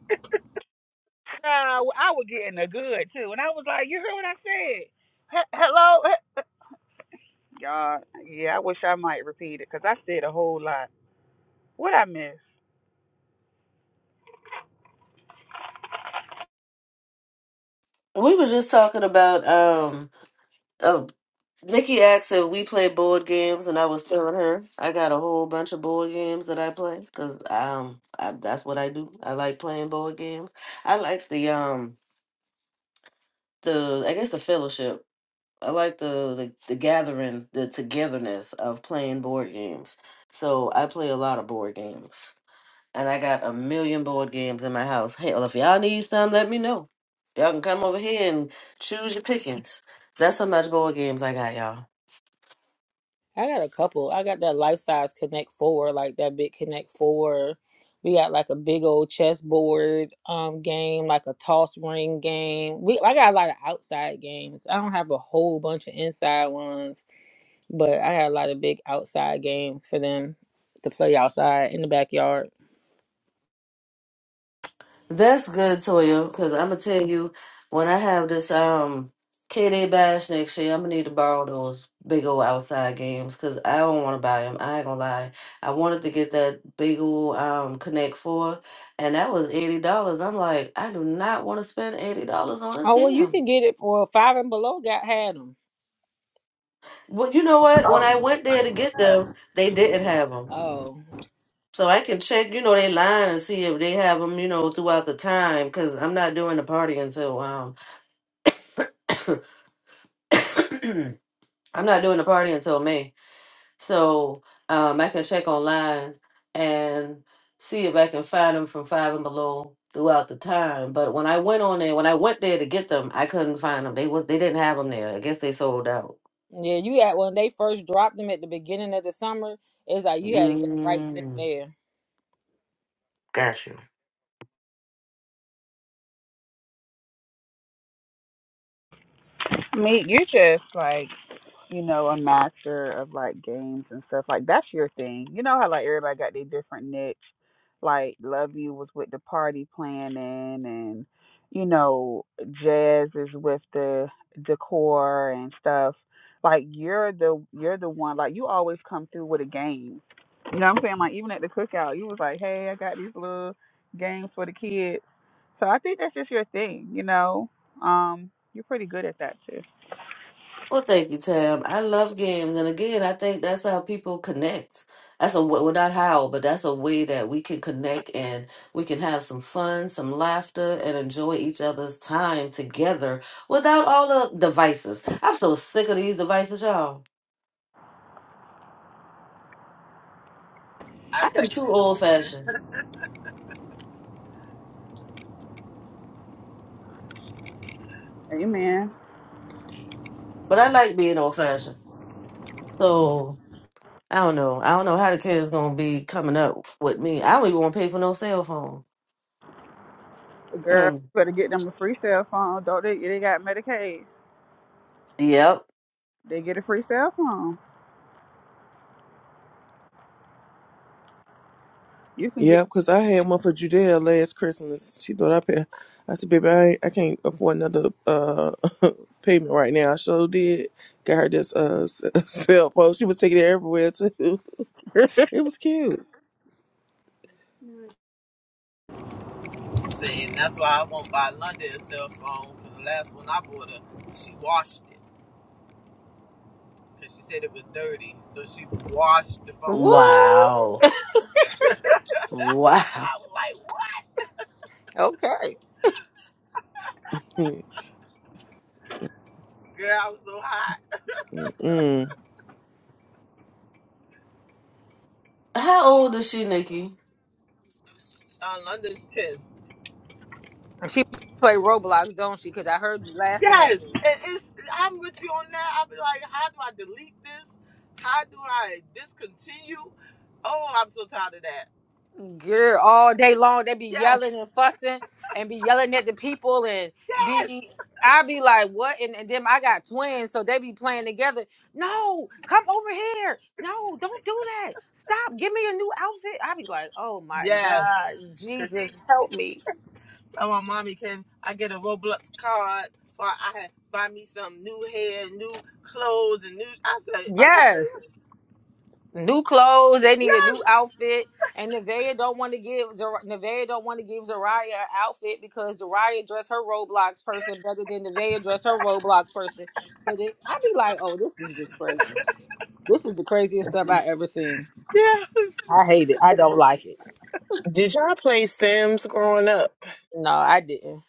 Speaker 2: Child, I was getting the good too, and I was like, "You heard what I said? He- hello." Y'all, yeah, I wish I might repeat it because I said a whole lot. What I miss?
Speaker 5: We was just talking about um uh, Nikki asked if we play board games and I was telling her I got a whole bunch of board games that I play cuz um I, that's what I do. I like playing board games. I like the um the I guess the fellowship. I like the the, the gathering, the togetherness of playing board games. So I play a lot of board games and I got a million board games in my house. Hell, if y'all need some, let me know. Y'all can come over here and choose your pickings. That's how much board games I got, y'all.
Speaker 1: I got a couple. I got that life size Connect Four, like that big Connect Four. We got like a big old chessboard um game, like a toss ring game. We I got a lot of outside games. I don't have a whole bunch of inside ones, but I got a lot of big outside games for them to play outside in the backyard.
Speaker 5: That's good, Toya, because I'm gonna tell you when I have this um KD bash next year, I'm gonna need to borrow those big old outside games because I don't want to buy them. I ain't gonna lie. I wanted to get that big old um Connect Four, and that was eighty dollars. I'm like, I do not want to spend eighty dollars on this
Speaker 1: Oh well, you
Speaker 5: game.
Speaker 1: can get it for well, five and below. Got had them.
Speaker 5: Well, you know what? When I went there to get them, they didn't have them.
Speaker 1: Oh
Speaker 5: So I can check, you know, they line and see if they have them, you know, throughout the time. Because I'm not doing the party until um, I'm not doing the party until May. So um, I can check online and see if I can find them from five and below throughout the time. But when I went on there, when I went there to get them, I couldn't find them. They was they didn't have them there. I guess they sold out.
Speaker 1: yeah, you had when they first dropped them at the beginning of the summer. It's like you had to go right then and
Speaker 5: Mm,
Speaker 1: there.
Speaker 5: got you.
Speaker 2: Me, you're just like, you know, a master of like games and stuff. Like, that's your thing. You know how like everybody got their different niche? Like, Love You was with the party planning and, you know, Jazz is with the decor and stuff. Like you're the you're the one like you always come through with a game. You know what I'm saying? Like even at the cookout, you was like, Hey, I got these little games for the kids So I think that's just your thing, you know. Um, you're pretty good at that too.
Speaker 5: Well, thank you, Tam. I love games, and again, I think that's how people connect. That's a w- well, not how, but that's a way that we can connect and we can have some fun, some laughter, and enjoy each other's time together without all the devices. I'm so sick of these devices, y'all.
Speaker 7: I
Speaker 5: I am
Speaker 7: second
Speaker 5: too
Speaker 7: that
Speaker 5: old
Speaker 7: emotion.
Speaker 5: fashioned,
Speaker 2: Amen.
Speaker 5: but I like being old fashioned. So I don't know. I don't know how the kids gonna be coming up with me. I don't even want to pay for no cell phone.
Speaker 2: Girl,
Speaker 5: Mm.
Speaker 2: better get them a free cell phone. Don't they? They got Medicaid.
Speaker 5: Yep.
Speaker 2: They get a free cell phone. You can get
Speaker 3: Yeah, because I had one for Judea last Christmas. She thought I paid. I said, baby, I, ain't- I can't afford another uh payment right now. I sure did. Got her this uh s- cell phone. She was taking it everywhere too. It was cute.
Speaker 7: Saying that's why I won't buy London a cell phone. Cause the last one I bought her, she washed it. Cause she said it was dirty, so she washed the phone.
Speaker 1: What?
Speaker 5: Wow. Wow.
Speaker 7: I was like, what?
Speaker 1: Okay.
Speaker 3: Mm-mm.
Speaker 7: Girl, I was so hot.
Speaker 5: How old is she,
Speaker 7: So
Speaker 5: Nikki?
Speaker 7: uh, London's ten.
Speaker 1: She play Roblox, don't she? Because I heard you laughing at
Speaker 7: Yes,
Speaker 1: me.
Speaker 7: it, it's. I'm with you on that. I'll be like, how do I delete this? How do I discontinue? Oh, I'm so tired of that.
Speaker 1: girl all day long. They be
Speaker 7: Yes,
Speaker 1: yelling and fussing and be yelling at the people and
Speaker 7: yes,
Speaker 1: be I be like, what? And, and then I got twins, so they be playing together. No, come over here. No, don't do that. Stop. Give me a new outfit. I be like, oh my
Speaker 7: yes.
Speaker 1: God,
Speaker 7: Cause
Speaker 1: Jesus,
Speaker 7: see,
Speaker 1: help me.
Speaker 7: tell my mommy, can I get a Roblox card for I had buy me some new hair, new clothes, and new? I said, are you
Speaker 1: Yes.
Speaker 7: serious?
Speaker 1: new clothes. They need a new
Speaker 7: Yes,
Speaker 1: outfit. And Nevaeh don't want to give Zar- Nevaeh don't want to give Zariah an outfit because Zariah dressed her Roblox person better than Nevaeh dressed her Roblox person. So they, I be like, oh, this is just crazy. This is the craziest stuff I ever seen.
Speaker 7: yes.
Speaker 1: I hate it. I don't like it.
Speaker 6: Did y'all play Sims growing up?
Speaker 1: No, I didn't.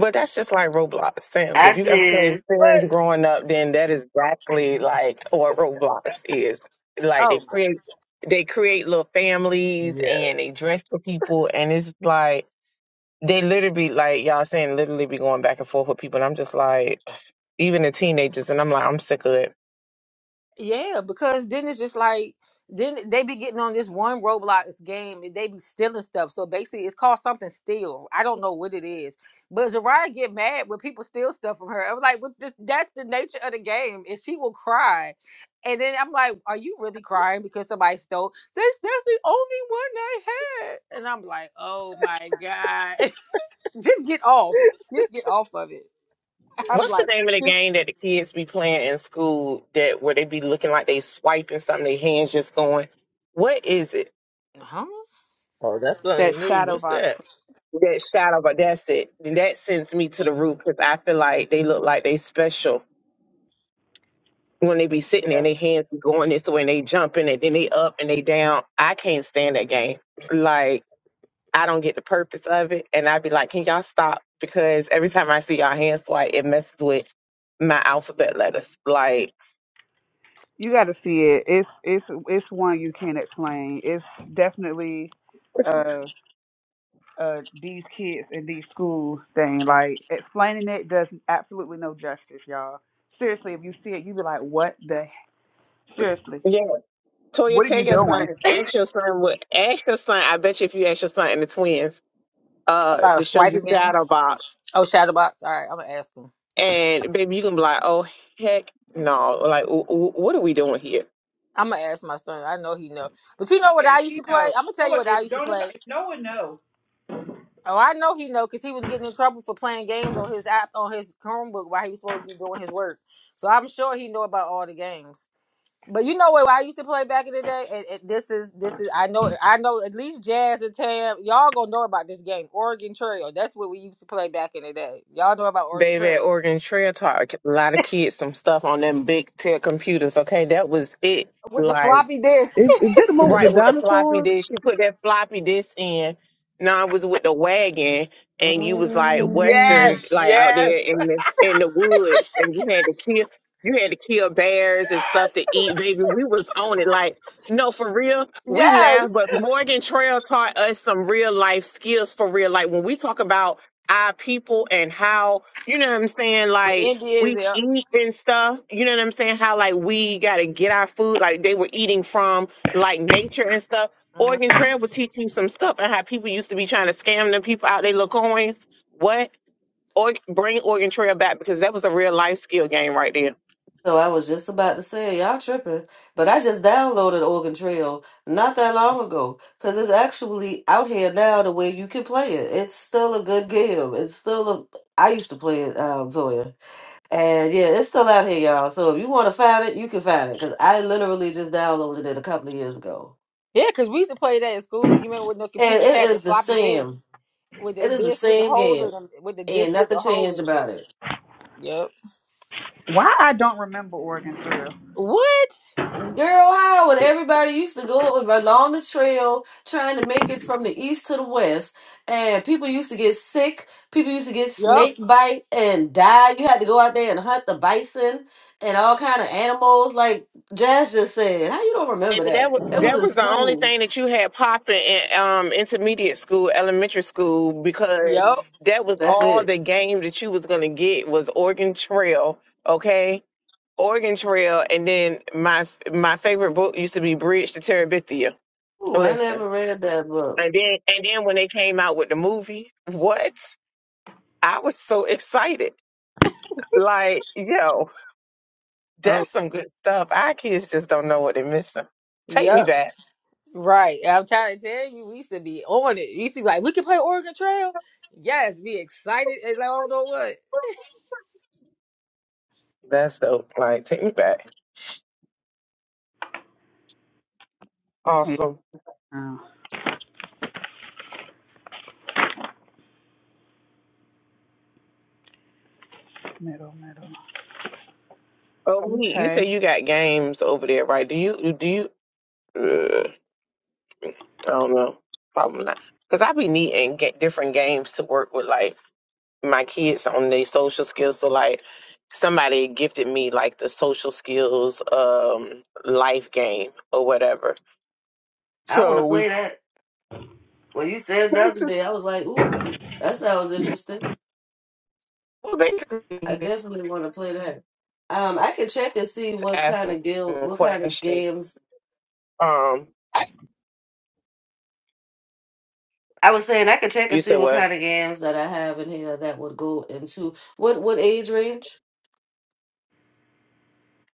Speaker 6: But that's just like Roblox Sims. If
Speaker 5: I
Speaker 6: you ever played
Speaker 5: did.
Speaker 6: Sims
Speaker 7: But
Speaker 6: growing up, then that is exactly like what Roblox is. Like
Speaker 1: Oh
Speaker 6: they create they create little families
Speaker 7: yeah.
Speaker 6: and they dress for people, and it's like they literally be like y'all saying literally be going back and forth with people and I'm just like even the teenagers and I'm like I'm sick of it.
Speaker 1: Yeah, because then it's just like then they be getting on this one Roblox game and they be stealing stuff. So basically, it's called something steal. I don't know what it is, but Zariah get mad when people steal stuff from her. I'm like, well, this, that's the nature of the game, and she will cry. And then I'm like, are you really crying because somebody stole? That's that's the only one I had. And I'm like, oh my god, just get off, just get off of it. I'm
Speaker 6: What's the
Speaker 1: like,
Speaker 6: name of the game that the kids be playing in school that where they be looking like they swiping something, their hands just going? What is it?
Speaker 1: huh?
Speaker 7: Oh, that's
Speaker 2: that
Speaker 7: something new.
Speaker 2: shadow
Speaker 7: What's
Speaker 2: box.
Speaker 7: that?
Speaker 6: That shadow, but that's it. And that sends me to the root because I feel like they look like they special when they be sitting there
Speaker 2: Yeah,
Speaker 6: and their hands be going this way and they jumping and then they up and they down. I can't stand that game. Like I don't get the purpose of it. And I'd be like, can y'all stop? Because every time I see y'all hand swipe, it messes with my alphabet letters. Like,
Speaker 2: you got to see it. It's it's it's one you can't explain. It's definitely. Uh, uh these kids in these schools thing. Like explaining it does absolutely no justice, y'all. Seriously, if you see it, you be like, "What the? Seriously,
Speaker 6: yeah. Toya,
Speaker 2: what are
Speaker 6: tell
Speaker 2: you
Speaker 6: your
Speaker 2: doing?"
Speaker 6: son, ask your son what, ask your son. I bet you if you ask your son and the twins, uh,
Speaker 1: About a
Speaker 6: to show you
Speaker 1: swiping game.
Speaker 6: shadow box,
Speaker 1: Oh, Shadowbox. All right, I'm gonna ask him.
Speaker 6: and baby, you can be like, oh heck no, like w- w- what are we doing here,
Speaker 1: I'm gonna ask my son. I know he know. But you know what
Speaker 2: Yeah,
Speaker 1: I used
Speaker 2: he
Speaker 1: to play?
Speaker 2: knows.
Speaker 1: I'm gonna tell
Speaker 2: Oh,
Speaker 1: you what I
Speaker 2: if
Speaker 1: used to
Speaker 2: don't
Speaker 1: play.
Speaker 2: nobody- if no one knows.
Speaker 1: Oh, I know he know because he was getting in trouble for playing games on his app on his Chromebook while he was supposed to be doing his work. So I'm sure he know about all the games. But you know what I used to play back in the day? And, and this is this is I know I know at least Jazz and Tam y'all gonna know about this game Oregon Trail. That's what we used to play back in the day. Y'all know about Oregon
Speaker 6: baby? At
Speaker 1: Trail
Speaker 6: Oregon Trail Talk, a lot of kids, some stuff on them big tech computers. Okay, that was it.
Speaker 1: with the floppy disk.
Speaker 3: Is, is that the one with the
Speaker 6: Right with the floppy
Speaker 3: dinosaurs?
Speaker 6: disk. You put that floppy disk in. No, I was with the wagon and you was like
Speaker 3: Oh.
Speaker 6: western
Speaker 7: Yes,
Speaker 6: like out
Speaker 7: yes.
Speaker 6: there in the in the woods and you had to kill you had to kill bears and stuff to eat, baby. We was on it like no for real. We
Speaker 1: yes,
Speaker 6: laughed, but Morgan Trail taught us some real life skills for real. Like when we talk about our people and how you know what I'm saying,
Speaker 1: the
Speaker 6: like we
Speaker 1: Indians. Yep.
Speaker 6: eat and stuff. You know what I'm saying? How like we gotta get our food. Like they were eating from like nature and stuff. Oregon
Speaker 1: Mm-hmm.
Speaker 6: Trail will teach you some stuff and how people used to be trying to scam them people out their little coins. What? Or bring Oregon Trail back because that was a real life skill game right there.
Speaker 5: So I was just about to say, y'all tripping, but I just downloaded Oregon Trail not that long ago because it's actually out here now the way you can play it. It's still a good game. It's still a. I used to play it, um, Zoya, and yeah, it's still out here, y'all. So if you want to find it, you can find it because I literally just downloaded it a couple of years ago,
Speaker 1: Yeah, because we used to play that at school. You remember when the
Speaker 5: and
Speaker 1: computers
Speaker 5: it
Speaker 1: had the
Speaker 5: is the
Speaker 1: floppy disk
Speaker 5: same.
Speaker 1: with the
Speaker 5: It is the
Speaker 1: disk with the
Speaker 5: same
Speaker 1: hole
Speaker 5: game,
Speaker 1: in them, with the disk
Speaker 5: and
Speaker 1: with the
Speaker 5: nothing
Speaker 1: hole in
Speaker 5: changed
Speaker 1: the
Speaker 5: about
Speaker 1: middle.
Speaker 5: it.
Speaker 1: Yep.
Speaker 2: Why I don't remember Oregon Trail?
Speaker 1: What?
Speaker 5: Girl, Howard, everybody used to go along the trail trying to make it from the east to the west. And people used to get sick. People used to get
Speaker 1: Yep.
Speaker 5: snake bite and die. You had to go out there and hunt the bison and all kind of animals. Like Jazz just said, how you don't remember
Speaker 6: Baby, that
Speaker 5: that?
Speaker 6: was
Speaker 5: It was
Speaker 6: that
Speaker 5: in
Speaker 6: was the only
Speaker 5: school.
Speaker 6: thing that you had popping in um intermediate school, elementary school, because
Speaker 1: Yep.
Speaker 6: that was
Speaker 5: That's
Speaker 6: all
Speaker 5: it.
Speaker 6: the game that you was gonna get was Oregon Trail, okay? Oregon Trail, and then my my favorite book used to be Bridge to Terabithia.
Speaker 5: Ooh, I
Speaker 6: Listen.
Speaker 5: never read that book.
Speaker 6: And then and then when they came out with the movie, what? I was so excited. Like, yo,
Speaker 2: Oh,
Speaker 6: that's some good stuff. Our kids just don't know what they're missing. Take me
Speaker 1: Yep.
Speaker 6: back.
Speaker 1: Right. I'm trying to tell you, we used to be on it. You used to be like, we can play Oregon Trail. Yes, be excited. And like, I don't know what.
Speaker 6: That's dope. Like, take me back.
Speaker 2: yeah.
Speaker 6: Awesome.
Speaker 2: Oh, middle, middle.
Speaker 6: Oh, we, you
Speaker 2: Okay.
Speaker 6: say you got games over there, right? Do you do you? Uh, I don't know. Probably not. Cause I be needing get different games to work with, like my kids on their social skills. So like somebody gifted me like the social skills um life game or whatever.
Speaker 5: I want
Speaker 6: So
Speaker 5: to
Speaker 6: we
Speaker 5: play that. When you said it the other
Speaker 6: basically,
Speaker 5: day, I was like, ooh, that sounds interesting.
Speaker 6: well,
Speaker 5: I
Speaker 6: basically just
Speaker 5: definitely want to play that. Um, I can check and see what kind
Speaker 6: asking
Speaker 5: of guild, what kind of
Speaker 6: questions.
Speaker 5: games.
Speaker 6: Um
Speaker 5: I was saying I could check
Speaker 6: you
Speaker 5: and
Speaker 6: said
Speaker 5: see what
Speaker 6: what?
Speaker 5: kind of games that I have in here that would go into what what age range?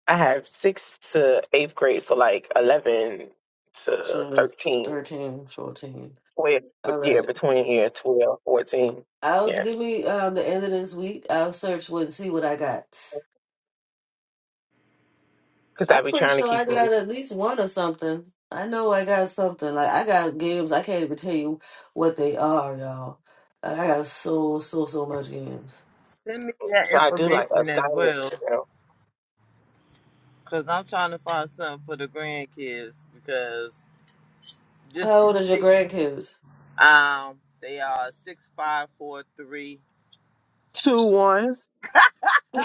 Speaker 6: I have sixth to eighth grade, so like eleven to
Speaker 5: Sure,
Speaker 6: 13,
Speaker 5: 13, 14.
Speaker 6: 12, but
Speaker 5: All
Speaker 6: yeah,
Speaker 5: right.
Speaker 6: between yeah, 12, 14,
Speaker 5: I'll
Speaker 6: Yeah,
Speaker 5: give me um the end of this week. I'll search what and see what I got.
Speaker 6: because I
Speaker 5: I'm
Speaker 6: be
Speaker 5: pretty
Speaker 6: trying to
Speaker 5: sure I
Speaker 6: keep them.
Speaker 5: got at least one or something. I know I got something. Like I got games. I can't even tell you what they are, y'all. Like, I got so so so much games.
Speaker 7: Send me that
Speaker 6: So I do like
Speaker 7: information as
Speaker 6: assignments
Speaker 7: well,
Speaker 6: to them.
Speaker 7: cause I'm trying to find something for the grandkids because just
Speaker 5: How old is your
Speaker 7: TV.
Speaker 5: grandkids?
Speaker 7: Um, they are six five four three.
Speaker 6: 2 1.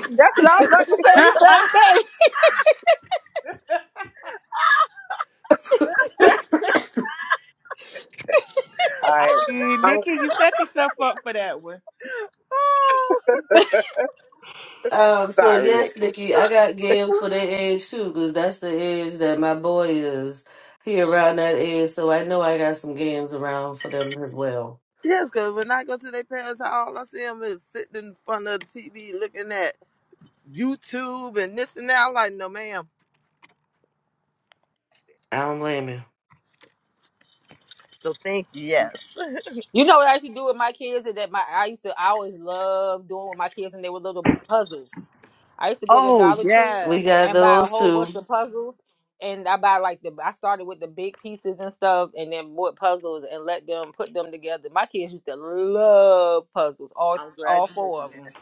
Speaker 1: That's what I'm about to say. The same thing.
Speaker 2: I
Speaker 6: I
Speaker 7: Oh
Speaker 2: mean,
Speaker 6: I
Speaker 7: gosh!
Speaker 2: Nikki, you set yourself up for that one.
Speaker 7: oh.
Speaker 5: Um, so
Speaker 6: Sorry,
Speaker 5: yes,
Speaker 6: Nikki.
Speaker 5: Nikki, I got games for their age too, because that's the age that my boy is. He around that age, so I know I got some games around for them as well.
Speaker 7: Yes, cause when I go to their parents' house, all I see them is sitting in front of the TV looking at YouTube and this and that. I'm like, no, ma'am.
Speaker 5: I don't blame you.
Speaker 7: So thank you. Yes.
Speaker 1: You know what I used to do with my kids is that my I used to I always loved doing with my kids and they were little puzzles. I used to go to
Speaker 7: Oh
Speaker 1: Dollar Tree
Speaker 5: We
Speaker 7: yes.
Speaker 5: got
Speaker 1: and buy a
Speaker 5: those
Speaker 1: whole bunch
Speaker 5: too.
Speaker 1: of puzzles and I buy like the I started with the big pieces and stuff and then bought puzzles and let them put them together. My kids used to love puzzles, all
Speaker 7: I'm glad
Speaker 1: all
Speaker 7: you
Speaker 1: four
Speaker 7: mentioned
Speaker 1: of
Speaker 7: that.
Speaker 1: them.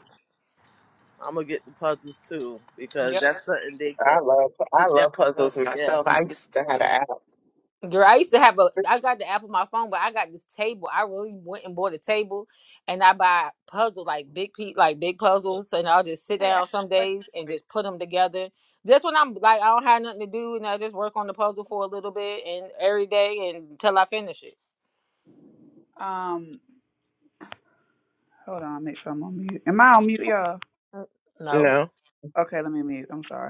Speaker 7: I'm gonna get the puzzles too because
Speaker 1: Yep.
Speaker 7: that's something they can.
Speaker 6: I love I
Speaker 7: Sit down.
Speaker 6: love
Speaker 7: Lord.
Speaker 6: puzzles
Speaker 7: Yes.
Speaker 6: myself. I used to have an
Speaker 2: Hey,
Speaker 6: app,
Speaker 1: Girl, I used to have a. I got the app on my phone, but I got this table. I really went and bought a table, and I buy puzzle like big piece, like big puzzles, and I'll just sit
Speaker 2: hey, I
Speaker 1: down
Speaker 2: have
Speaker 1: some
Speaker 2: a question
Speaker 1: days and
Speaker 2: for you.
Speaker 1: just put them together. Just when I'm like I don't have nothing to do, and I just work on the puzzle for a little bit and every day and until I finish it.
Speaker 2: Um, hold on, make sure I'm on mute. Am I on mute, y'all?
Speaker 1: Mm,
Speaker 6: you
Speaker 1: No,
Speaker 6: know.
Speaker 2: Okay, let me mute. I'm sorry.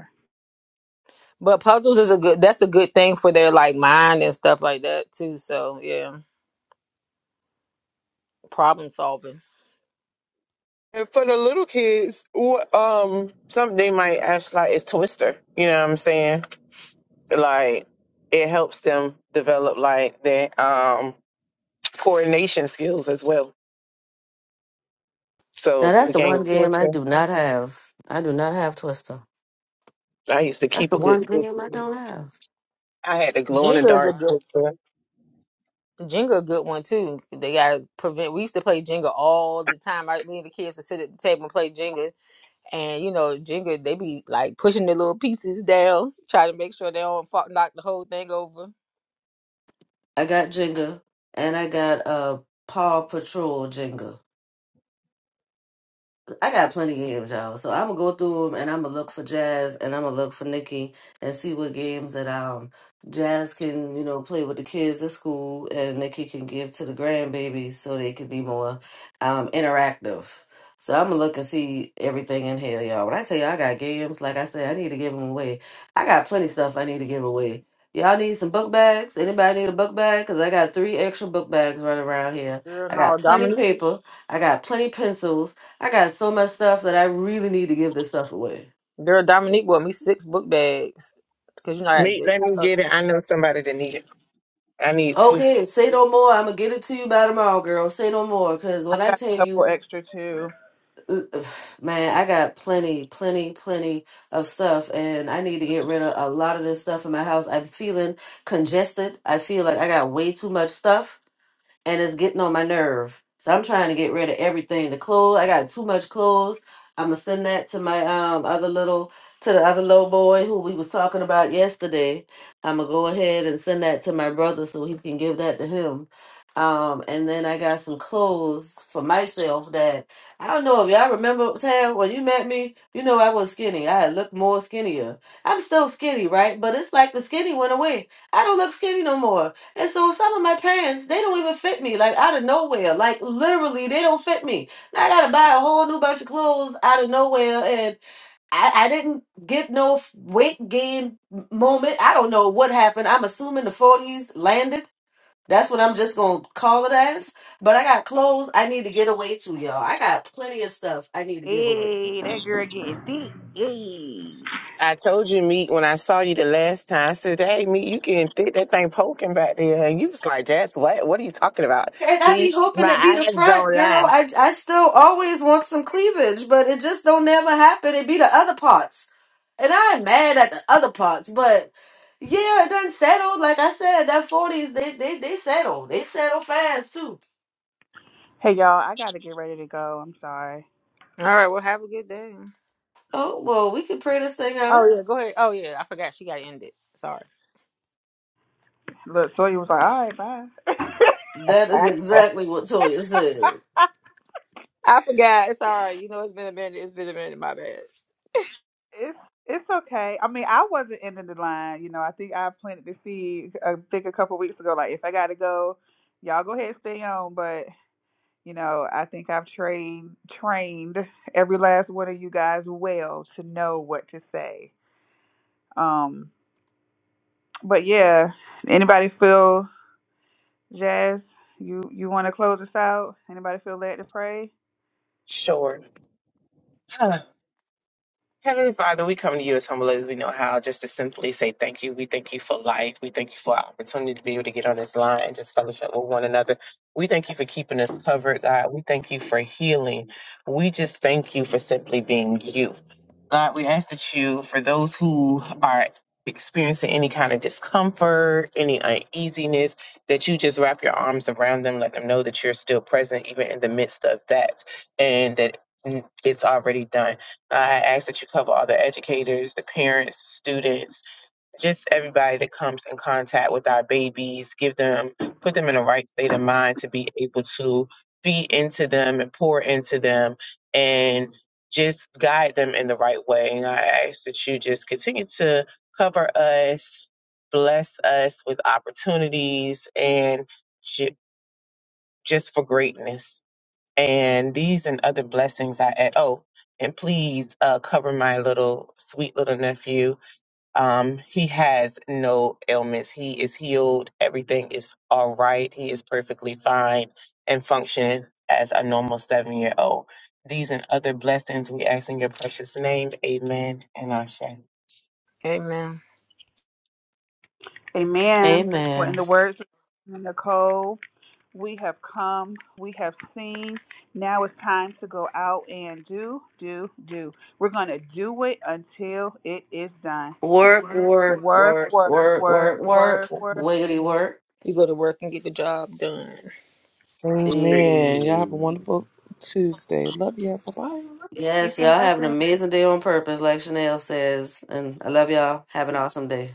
Speaker 1: but puzzles is a good. That's a good thing for their like mind and stuff like that too. So yeah, problem solving.
Speaker 6: And for the little kids, wh- um, some they might ask like it's Twister. You know what I'm saying? Like it helps them develop like their um coordination skills as well.
Speaker 5: Now
Speaker 6: So the
Speaker 5: that's the
Speaker 6: game
Speaker 5: one game I
Speaker 6: Twister,
Speaker 5: do not have. I do not have Twister.
Speaker 6: I used to
Speaker 5: That's
Speaker 6: keep
Speaker 5: the
Speaker 6: a good
Speaker 5: one game I
Speaker 6: Twister.
Speaker 5: don't have.
Speaker 6: I had the glow in the
Speaker 1: Jenga is a
Speaker 6: dark
Speaker 1: good
Speaker 6: Twister.
Speaker 1: Jenga a good one too. They got prevent. We used to play Jenga all the time. Right, me and the kids to sit at the table and play Jenga, and you know Jenga, they be like pushing the little pieces down, trying to make sure they don't fall, knock the whole thing over.
Speaker 5: I got Jenga and I got uh Paw Patrol Jenga. I got plenty of games, y'all. So I'm gonna go through them, and I'm gonna look for Jazz, and I'm gonna look for Nikki, and see what games that um Jazz can you know play with the kids at school, and Nikki can give to the grandbabies so they can be more um interactive. So I'm gonna look and see everything in here, y'all. When I tell you I got games, like I said, I need to give them away. I got plenty of stuff I need to give away. Y'all need some book bags? Anybody need a book bag? Cause I got three extra book bags running around here.
Speaker 1: Girl,
Speaker 5: I got
Speaker 1: no,
Speaker 5: plenty
Speaker 1: Dominique.
Speaker 5: paper. I got plenty pencils. I got so much stuff that I really need to give this stuff away.
Speaker 1: Girl, Dominique bought me six book bags because you know. I had
Speaker 6: Me,
Speaker 1: the,
Speaker 6: let me
Speaker 1: uh,
Speaker 6: get it. I know somebody that need it. I need two.
Speaker 5: Okay, say no more. I'm gonna get it to you by tomorrow, girl. Say no more, cause
Speaker 2: I
Speaker 5: when I
Speaker 2: got
Speaker 5: tell
Speaker 2: a
Speaker 5: you,
Speaker 2: couple extra too.
Speaker 5: man, I got plenty, plenty, plenty of stuff, and I need to get rid of a lot of this stuff in my house. I'm feeling congested. I feel like I got way too much stuff and it's getting on my nerve. So I'm trying to get rid of everything. The clothes, I got too much clothes. I'm gonna send that to my um other little to the other little boy who we was talking about yesterday. I'm gonna go ahead and send that to my brother so he can give that to him. Um, and then I got some clothes for myself that I don't know if y'all remember Tam when you met me, you know I was skinny. I had looked more skinnier. I'm still skinny, right? But it's like the skinny went away. I don't look skinny no more. And so some of my pants, they don't even fit me, like out of nowhere. Like literally, they don't fit me. Now I gotta buy a whole new bunch of clothes out of nowhere, and I, I didn't get no f- weight gain m- moment. I don't know what happened. I'm assuming the 40s landed. That's what I'm just gonna call it as. But I got clothes I need to get away to, y'all. I got plenty of stuff I need to give away.
Speaker 2: Hey, that girl getting deep. Hey.
Speaker 6: I told you, Meek, when I saw you the last time, I said, Hey, Meek, you getting thick, that thing poking back there. And you was like, Jess, what? What are you talking about?
Speaker 5: And I be
Speaker 6: See, my
Speaker 5: hoping it be the
Speaker 6: eyes
Speaker 5: front,
Speaker 6: don't lie.
Speaker 5: girl. I I still always want some cleavage, but it just don't never happen. It be the other parts. And I ain't mad at the other parts, but yeah, it done settled. Like I said, that forties they they they settle. They settle fast too.
Speaker 2: Hey y'all, I gotta get ready to go. I'm sorry.
Speaker 1: all right, well, have a good day.
Speaker 5: Oh well, we can pray this thing
Speaker 1: Oh
Speaker 5: out.
Speaker 1: yeah, go ahead. Oh yeah, I forgot she got to end it. Sorry,
Speaker 2: Look, Sawyer was like, "All right, bye."
Speaker 5: That is
Speaker 6: I, I,
Speaker 5: exactly what Toya said.
Speaker 1: I forgot. It's all right. You know, it's been a minute. It's been a minute. My bad.
Speaker 2: it's it's okay. I mean, I wasn't ending the line. You know, I think I planted the seed. I think a couple weeks ago, like if I gotta go, y'all go ahead and stay on. But you know, I think I've trained trained every last one of you guys well to know what to say. Um, but yeah, anybody feel? Jazz, you you want to close us out? Anybody feel led to pray?
Speaker 6: sure. Heavenly Father, we come to you as humble as we know how, just to simply say thank you. We thank you for life. We thank you for our opportunity to be able to get on this line and just fellowship with one another. We thank you for keeping us covered, God. We thank you for healing. We just thank you for simply being you. God, we ask that you, for those who are experiencing any kind of discomfort, any uneasiness, that you just wrap your arms around them, let them know that you're still present, even in the midst of that, and that it's already done I ask that you cover all the educators, the parents, the students, just everybody that comes in contact with our babies. Give them, put them in the right state of mind to be able to feed into them and pour into them and just guide them in the right way. And I ask that you just continue to cover us, bless us with opportunities, and ju- just for greatness. And these and other blessings I add. Oh, and please uh, cover my little sweet little nephew. Um, he has no ailments. He is healed. Everything is all right. He is perfectly fine and functioning as a normal seven year old. These and other blessings we ask in your precious name. Amen. And Ashe.
Speaker 1: Amen.
Speaker 2: Amen. Well, in
Speaker 5: Amen.
Speaker 2: the words of Nicole, We have come, we have seen. Now it's time to go out and do, do, do. We're going to do it until it is done.
Speaker 5: Work, work,
Speaker 2: Work,
Speaker 5: work,
Speaker 2: work,
Speaker 5: work,
Speaker 2: work,
Speaker 5: work, work,
Speaker 2: work, work.
Speaker 5: wiggity work.
Speaker 1: You go to work and get the job done.
Speaker 3: Amen. Y'all have a
Speaker 5: And
Speaker 2: Peace
Speaker 3: wonderful Tuesday. Love you. Bye bye.
Speaker 5: yes,
Speaker 2: and
Speaker 5: y'all have an
Speaker 2: blessings.
Speaker 5: amazing day on purpose, like Chanel says. And I love y'all. Have an awesome day.